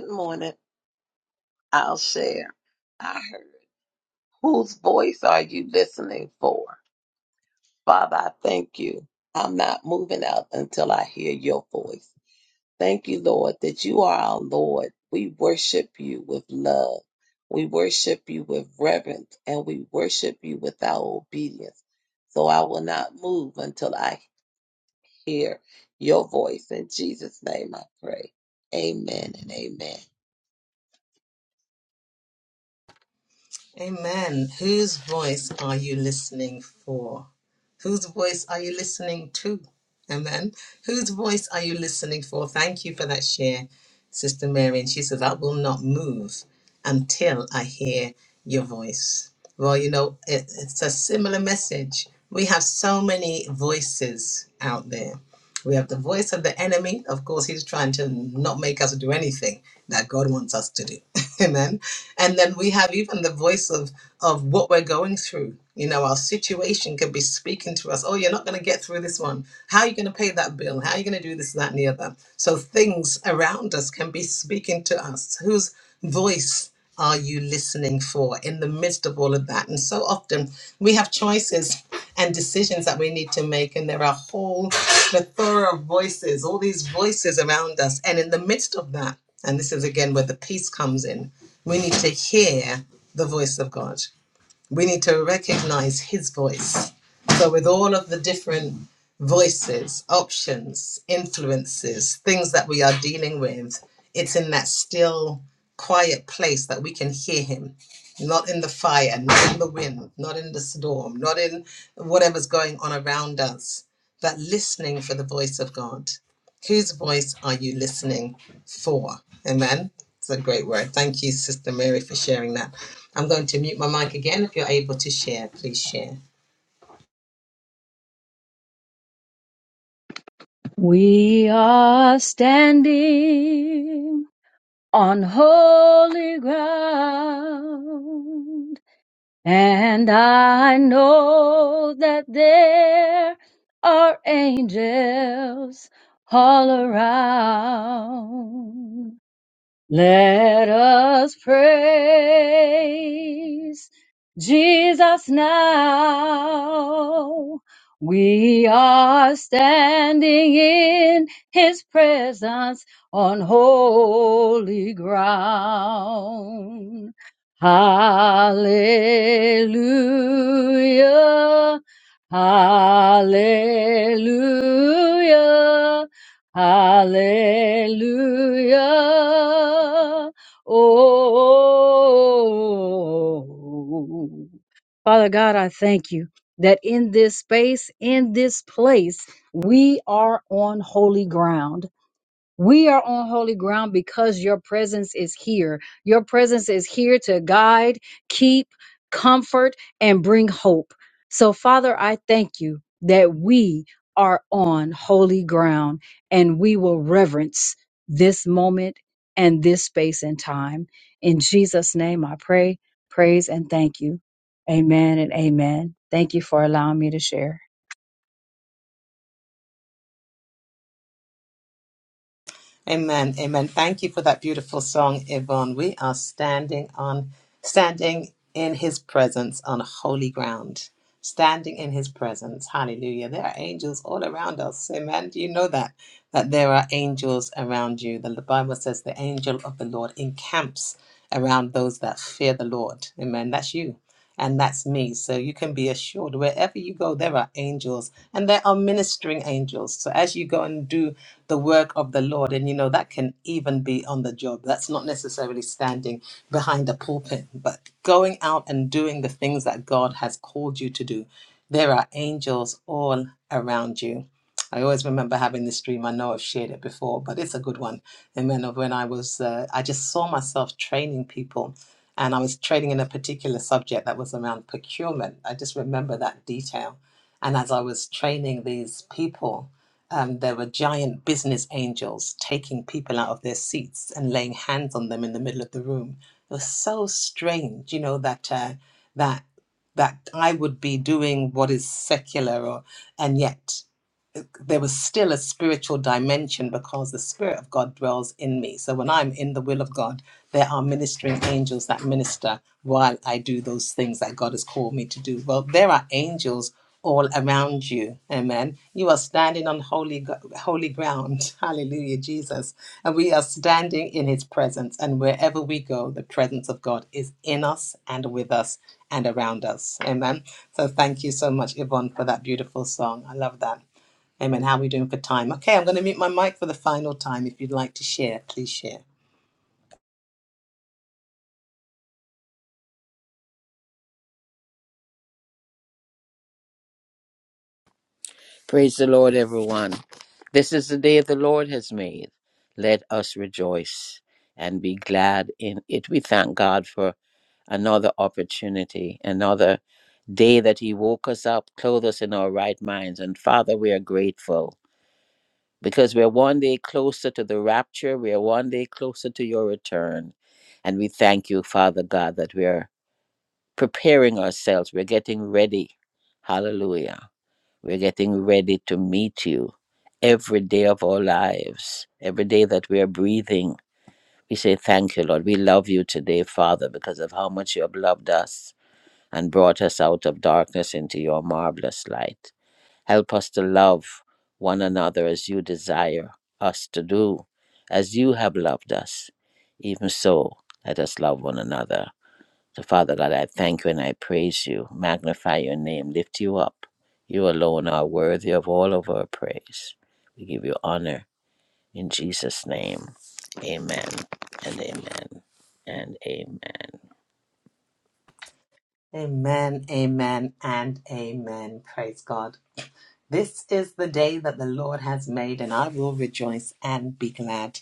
S6: morning. I'll share. I heard. Whose voice are you listening for? Father, I thank you. I'm not moving out until I hear your voice. Thank you, Lord, that you are our Lord. We worship you with love. We worship you with reverence and we worship you with our obedience. So I will not move until I hear your voice. In Jesus' name I pray. Amen and amen.
S1: Amen. Whose voice are you listening for? Whose voice are you listening to? Amen. Whose voice are you listening for? Thank you for that share, Sister Mary. And she says, I will not move until I hear your voice. Well, you know, it, it's a similar message. We have so many voices out there we have the voice of the enemy. Of course, he's trying to not make us do anything that God wants us to do. Amen. And then we have even the voice of, of what we're going through. You know, our situation could be speaking to us. Oh, you're not going to get through this one. How are you going to pay that bill? How are you going to do this, that, and the other? So things around us can be speaking to us. Whose voice? are you listening for in the midst of all of that? And so often we have choices and decisions that we need to make, and there are whole plethora of voices, all these voices around us. And in the midst of that, and this is again where the peace comes in, we need to hear the voice of God we need to recognize his voice. So, with all of the different voices, options, influences, things that we are dealing with, it's in that still, quiet place that we can hear him. Not in the fire, not in the wind, not in the storm, not in whatever's going on around us, but listening for the voice of God. Whose voice are you listening for? Amen. It's a great word. Thank you, Sister Mary, for sharing that. I'm going to mute my mic again. If you're able to share, please share.
S7: We on holy ground. Hallelujah. Hallelujah. Hallelujah. Oh. Father God, I thank you that in this space, in this place, we are on holy ground. We are on holy ground because your presence is here. Your presence is here to guide, keep, comfort, and bring hope. So, Father, I thank you that we are on holy ground and we will reverence this moment and this space and time. In Jesus' name, I pray, praise, and thank you. Amen and amen. Thank you for allowing me to share.
S1: Amen. Amen. Thank you for that beautiful song, Yvonne. We are standing on standing in his presence on holy ground. Standing in his presence. Hallelujah. There are angels all around us. Amen. Do you know that? That there are angels around you. The Bible says the angel of the Lord encamps around those that fear the Lord. Amen. That's you and that's me. So you can be assured wherever you go, there are angels and there are ministering angels. So as you go and do the work of the Lord, and you know, that can even be on the job, that's not necessarily standing behind a pulpit, but going out and doing the things that God has called you to do. There are angels all around you. I always remember having this dream. I know I've shared it before, but it's a good one. Amen. Of when I was, uh, I just saw myself training people and I was training in a particular subject that was around procurement. I just remember that detail. And as I was training these people, um, there were giant business angels taking people out of their seats and laying hands on them in the middle of the room. It was so strange, you know, that uh, that that I would be doing what is secular, or and yet there was still a spiritual dimension because the Spirit of God dwells in me. So when I'm in the will of God, there are ministering angels that minister while I do those things that God has called me to do. Well, there are angels all around you. Amen. You are standing on holy holy ground. Hallelujah, Jesus. And we are standing in his presence and wherever we go, the presence of God is in us and with us and around us. Amen. So thank you so much Yvonne for that beautiful song. I love that. Amen. How are we doing for time? Okay, I'm going to mute my mic for the final time. If you'd like to share, please share.
S4: Praise the Lord, everyone. This is the day the Lord has made. Let us rejoice and be glad in it. We thank God for another opportunity, another day that He woke us up, clothed us in our right minds. And Father, we are grateful because we're one day closer to the rapture, we are one day closer to your return. And we thank you, Father God, that we are preparing ourselves, we're getting ready. Hallelujah. We're getting ready to meet you every day of our lives, every day that we are breathing. We say, Thank you, Lord. We love you today, Father, because of how much you have loved us and brought us out of darkness into your marvelous light. Help us to love one another as you desire us to do, as you have loved us. Even so, let us love one another. So, Father God, I thank you and I praise you, magnify your name, lift you up. You alone are worthy of all of our praise. We give you honor in Jesus' name. Amen and amen and amen.
S1: Amen, amen, and amen. Praise God. This is the day that the Lord has made, and I will rejoice and be glad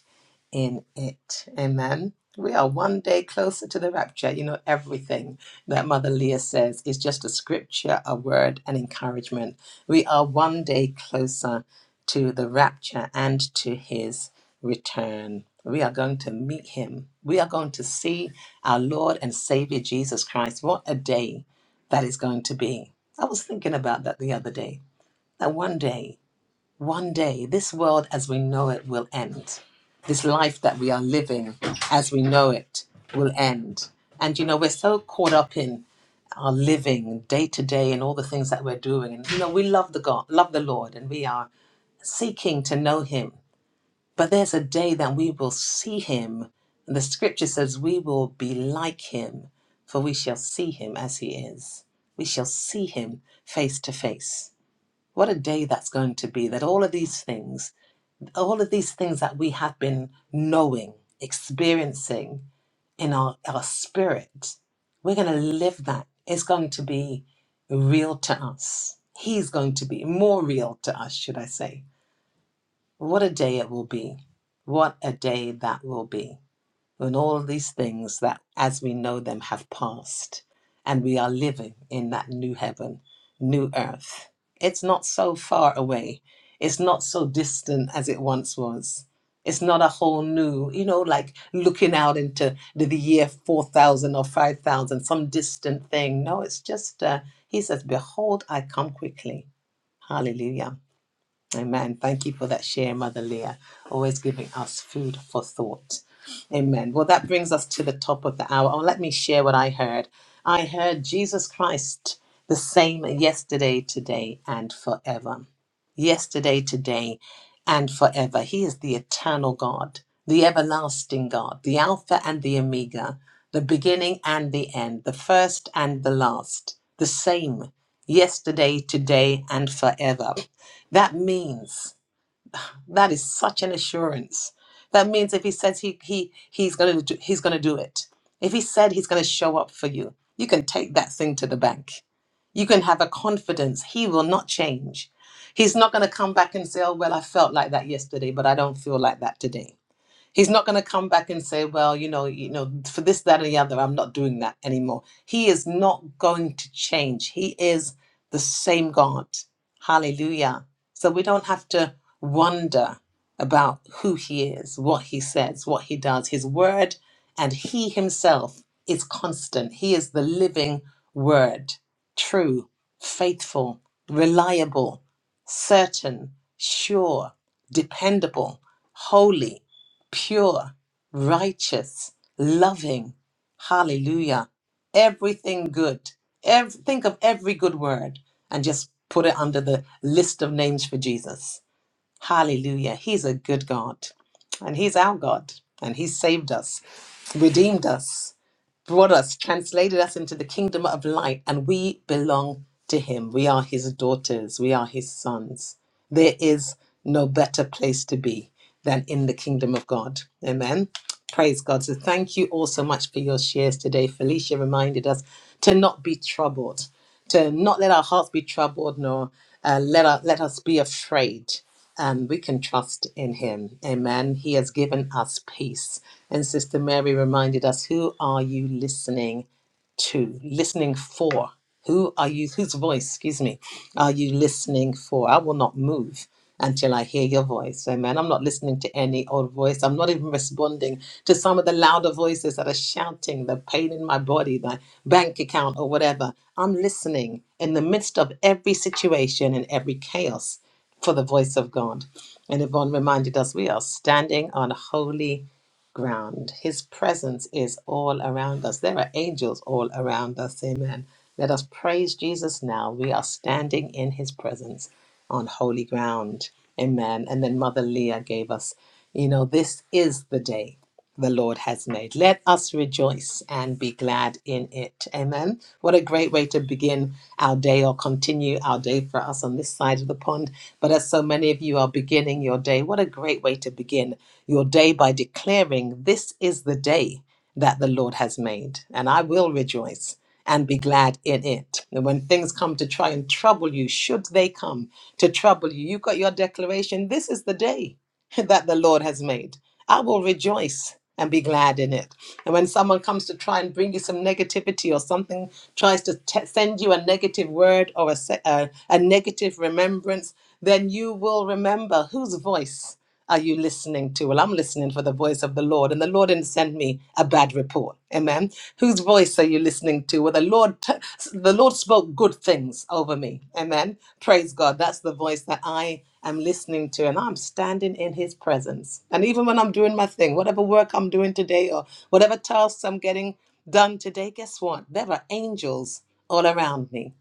S1: in it. Amen. We are one day closer to the rapture. You know, everything that Mother Leah says is just a scripture, a word, an encouragement. We are one day closer to the rapture and to his return. We are going to meet him. We are going to see our Lord and Savior Jesus Christ. What a day that is going to be. I was thinking about that the other day. That one day one day, this world as we know it will end. This life that we are living as we know it will end. And you know, we're so caught up in our living day to day and all the things that we're doing. And you know, we love the God, love the Lord, and we are seeking to know Him. But there's a day that we will see Him. And the scripture says, We will be like Him, for we shall see Him as He is. We shall see Him face to face. What a day that's going to be that all of these things all of these things that we have been knowing, experiencing in our, our spirit, we're going to live that. It's going to be real to us. He's going to be more real to us, should I say. What a day it will be. What a day that will be when all these things that as we know them have passed and we are living in that new heaven, new earth. It's not so far away. It's not so distant as it once was. It's not a whole new, you know, like looking out into the, the year 4000 or 5000, some distant thing. No, it's just, uh, he says, Behold, I come quickly. Hallelujah. Amen. Thank you for that share, Mother Leah. Always giving us food for thought. Amen. Well, that brings us to the top of the hour. Oh, let me share what I heard. I heard Jesus Christ the same yesterday, today, and forever. Yesterday, today, and forever. He is the eternal God, the everlasting God, the Alpha and the Omega, the beginning and the end, the first and the last, the same yesterday, today, and forever. That means that is such an assurance. That means if he says he he he's gonna do, he's gonna do it. If he said he's gonna show up for you, you can take that thing to the bank. You can have a confidence he will not change. He's not gonna come back and say, "Oh well, I felt like that yesterday, but I don't feel like that today." He's not going to come back and say, "Well, you know, you know, for this, that, and the other, I'm not doing that anymore." He is not going to change. He is the same God. Hallelujah! So we don't have to wonder about who He is, what He says, what He does. His Word and He Himself is constant. He is the living Word, true, faithful, reliable, certain, sure, dependable, holy pure, righteous, loving. Hallelujah. Everything good. Ev- think of every good word and just put it under the list of names for Jesus. Hallelujah. He's a good God. And He's our God. And He saved us, redeemed us, brought us, translated us into the kingdom of light. And we belong to Him. We are His daughters. We are His sons. There is no better place to be than in the kingdom of God. Amen. Praise God. So thank you all so much for your shares today. Felicia reminded us to not be troubled, to not let our hearts be troubled, nor uh, let, our, let us be afraid. Um, we can trust in him. Amen. He has given us peace. And Sister Mary reminded us, Who are you listening to, listening for. Who are you? Whose voice, excuse me, are you listening for? I will not move until I hear your voice. Amen. I'm not listening to any old voice. I'm not even responding to some of the louder voices that are shouting the pain in my body, my bank account, or whatever. I'm listening in the midst of every situation and every chaos for the voice of God. And Yvonne reminded us we are standing on holy ground. His presence is all around us. There are angels all around us. Amen. Let us praise Jesus now. We are standing in his presence on holy ground. Amen. And then Mother Leah gave us, you know, this is the day the Lord has made. Let us rejoice and be glad in it. Amen. What a great way to begin our day or continue our day for us on this side of the pond. But as so many of you are beginning your day, what a great way to begin your day by declaring, This is the day that the Lord has made, and I will rejoice. And be glad in it. And when things come to try and trouble you, should they come to trouble you, you've got your declaration. This is the day that the Lord has made. I will rejoice and be glad in it. And when someone comes to try and bring you some negativity or something tries to te- send you a negative word or a, se- uh, a negative remembrance, then you will remember whose voice are you listening to? Well, I'm listening for the voice of the Lord, and the Lord didn't send me a bad report. Amen. Whose voice are you listening to? Well, the Lord, t- the Lord spoke good things over me. Amen. Praise God. That's the voice that I I'm listening to and I'm standing in his presence. And even when I'm doing my thing, whatever work I'm doing today or whatever tasks I'm getting done today, guess what? There are angels all around me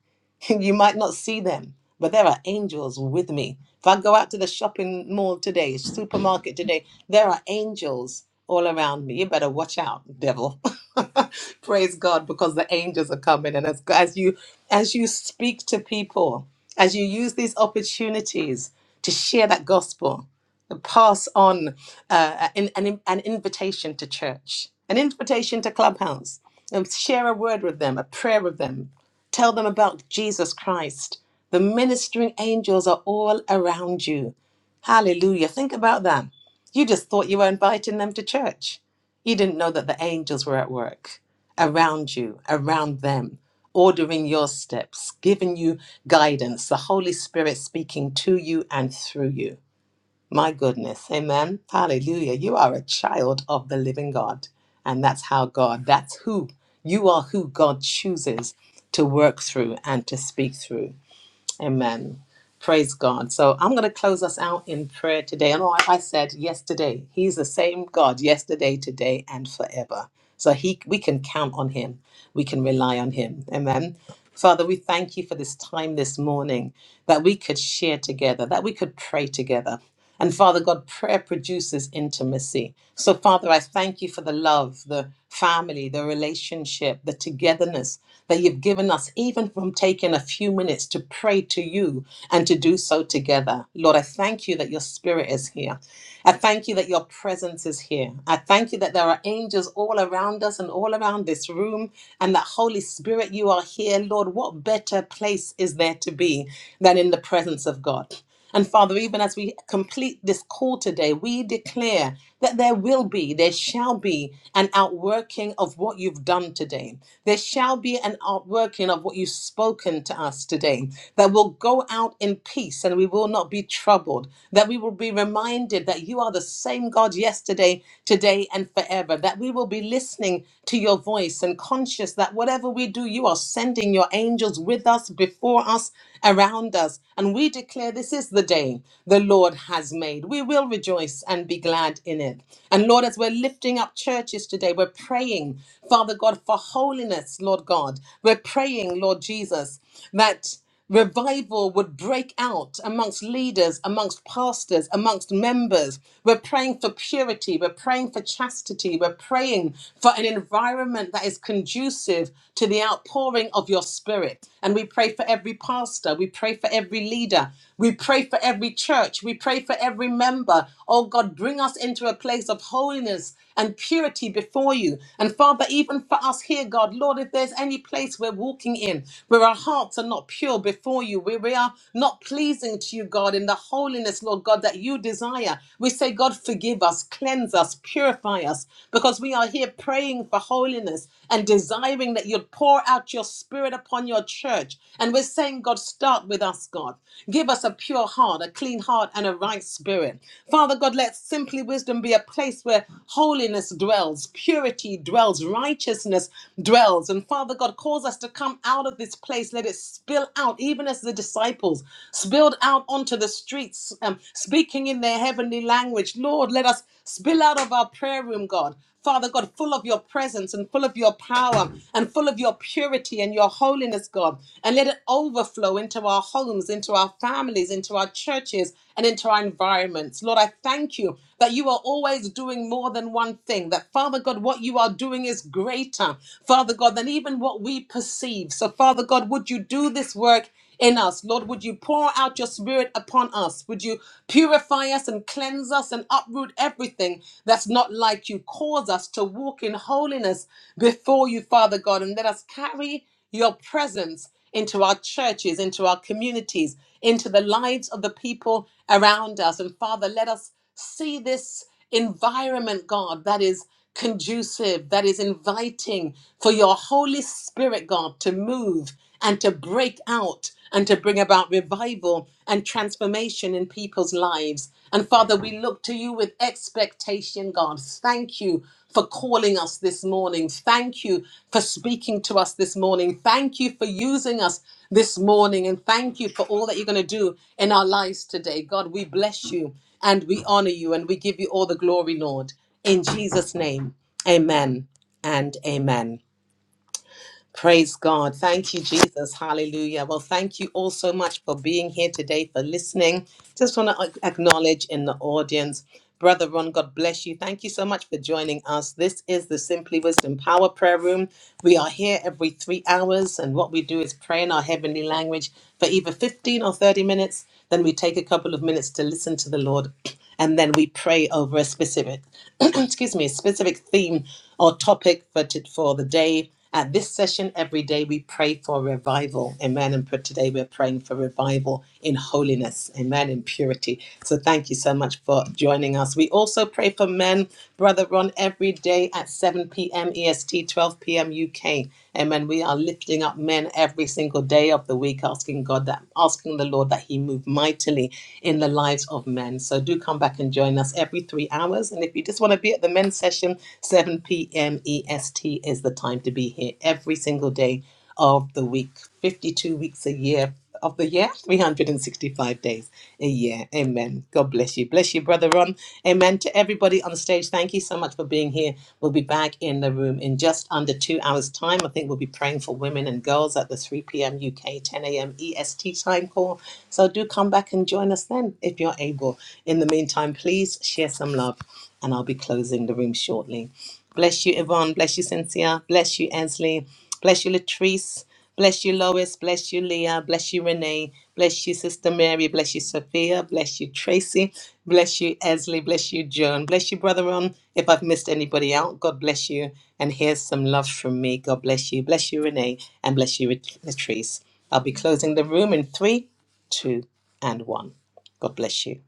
S1: you might not see them, but there are angels with me. If I go out to the shopping mall today, supermarket today, there are angels all around me. You better watch out, devil. Praise God, because the angels are coming. And as, as you as you speak to people, as you use these opportunities to share that gospel, to pass on uh, an, an, an invitation to church, an invitation to clubhouse, and share a word with them, a prayer with them, Tell them about Jesus Christ. The ministering angels are all around you. Hallelujah. Think about that. You just thought you were inviting them to church. You didn't know that the angels were at work around you, around them, ordering your steps, giving you guidance, the Holy Spirit speaking to you and through you. My goodness. Amen. Hallelujah. You are a child of the living God. And that's how God, that's who, you are who God chooses to work through and to speak through. Amen. Praise God. So I'm going to close us out in prayer today. And like I said yesterday, He's the same God yesterday, today, and forever. So He, we can count on Him. We can rely on Him. Amen. Father, we thank you for this time this morning that we could share together, that we could pray together. And Father God, prayer produces intimacy. So, Father, I thank you for the love, the family, the relationship, the togetherness that you've given us, even from taking a few minutes to pray to you and to do so together. Lord, I thank you that your spirit is here. I thank you that your presence is here. I thank you that there are angels all around us and all around this room, and that Holy Spirit, you are here. Lord, what better place is there to be than in the presence of God? And Father, even as we complete this call today, we declare that there will be, there shall be an outworking of what you've done today. There shall be an outworking of what you've spoken to us today, that will go out in peace and we will not be troubled, that we will be reminded that you are the same God yesterday, today, and forever, that we will be listening to your voice and conscious that whatever we do, you are sending your angels with us, before us, around us. And we declare this is the day day the Lord has made. We will rejoice and be glad in it. And Lord, as we're lifting up churches today, we're praying, Father God, for holiness, Lord God. We're praying, Lord Jesus, that revival would break out amongst leaders, amongst pastors, amongst members. We're praying for purity. We're praying for chastity. We're praying for an environment that is conducive to the outpouring of your spirit. And we we pray for every pastor. We pray for every leader. We pray for every church. We pray for every member. Oh God, bring us into a place of holiness and purity before you. And Father, even for us here, God, Lord, if there's any place we're walking in where our hearts are not pure before you, where we are not pleasing to you, God, in the holiness, Lord God, that you desire, we say, God, forgive us, cleanse us, purify us, because we are here praying for holiness and desiring that you'd pour out your spirit upon your church. And we're saying, God, start with us, God. Give us a pure heart, a clean heart, and a right spirit. Father God, let simply wisdom be a place where holiness dwells, purity dwells, righteousness dwells. And Father God, cause us to come out of this place. Let it spill out, even as the disciples spilled out onto the streets, um, speaking in their heavenly language. Lord, let us spill fill out of our prayer room, God. Father God, full of your presence and full of your power and full of your purity and your holiness, God. And let it overflow into our homes, into our families, into our churches, and into our environments. Lord, I thank you that you are always doing more than one thing. That, Father God, what you are doing is greater, Father God, than even what we perceive. So, Father God, would you do this work? in us. Lord, would you pour out your spirit upon us? Would you purify us and cleanse us and uproot everything that's not like you? Cause us to walk in holiness before you, Father God, and let us carry your presence into our churches, into our communities, into the lives of the people around us. And Father, let us. See this environment, God, that is conducive, that is inviting for your Holy Spirit, God, to move and to break out and to bring about revival and transformation in people's lives. And Father, we look to you with expectation, God. Thank you for calling us this morning. Thank you for speaking to us this morning. Thank you for using us this morning. And thank you for all that you're going to do in our lives today. God, we bless you and we honor you and we give you all the glory, Lord. In Jesus' name, amen and amen. Praise God. Thank you, Jesus. Hallelujah. Well, thank you all so much for being here today, for listening. Just want to acknowledge in the audience, Brother Ron, God bless you. Thank you so much for joining us. This is the Simply Wisdom Power Prayer Room. We are here every three hours, and what we do is pray in our heavenly language for either 15 or 30 minutes. Then we take a couple of minutes to listen to the Lord and then we pray over a specific, excuse me, a specific theme or topic for, t- for the day. At this session, every day we pray for revival. Amen. And for today, we're praying for revival in holiness. Amen. In purity. So thank you so much for joining us. We also pray for men, Brother Ron, every day at 7 p.m. EST, 12 p.m. UK. Amen. We are lifting up men every single day of the week, asking God that, asking the Lord that He move mightily in the lives of men. So do so do come back and join us every three hours. And if you just want to be at the men's session, 7 p.m. EST is the time to be here every single day of the week, 52 weeks a year of the year, 365 days a year. Amen. God bless you. Bless you, brother Ron. Amen. To everybody on stage, thank you so much for being here. We'll be back in the room in just under two hours' time. I think we'll be praying for women and girls at the 3 p.m. UK, 10 a.m. EST time call. So do come back and join us then if you're able. In the meantime, please share some love, and I'll be closing the room shortly. Bless you, Yvonne. Bless you, Cynthia. Bless you, Ansley. Bless you, Latrice. Bless you, Lois. Bless you, Leah. Bless you, Renee. Bless you, Sister Mary. Bless you, Sophia. Bless you, Tracy. Bless you, Esley. Bless you, Joan. Bless you, Brother Ron. If I've missed anybody out, God bless you. And here's some love from me. God bless you. Bless you, Renee. And bless you, Latrice. I'll be closing the room in three, two, and one. God bless you.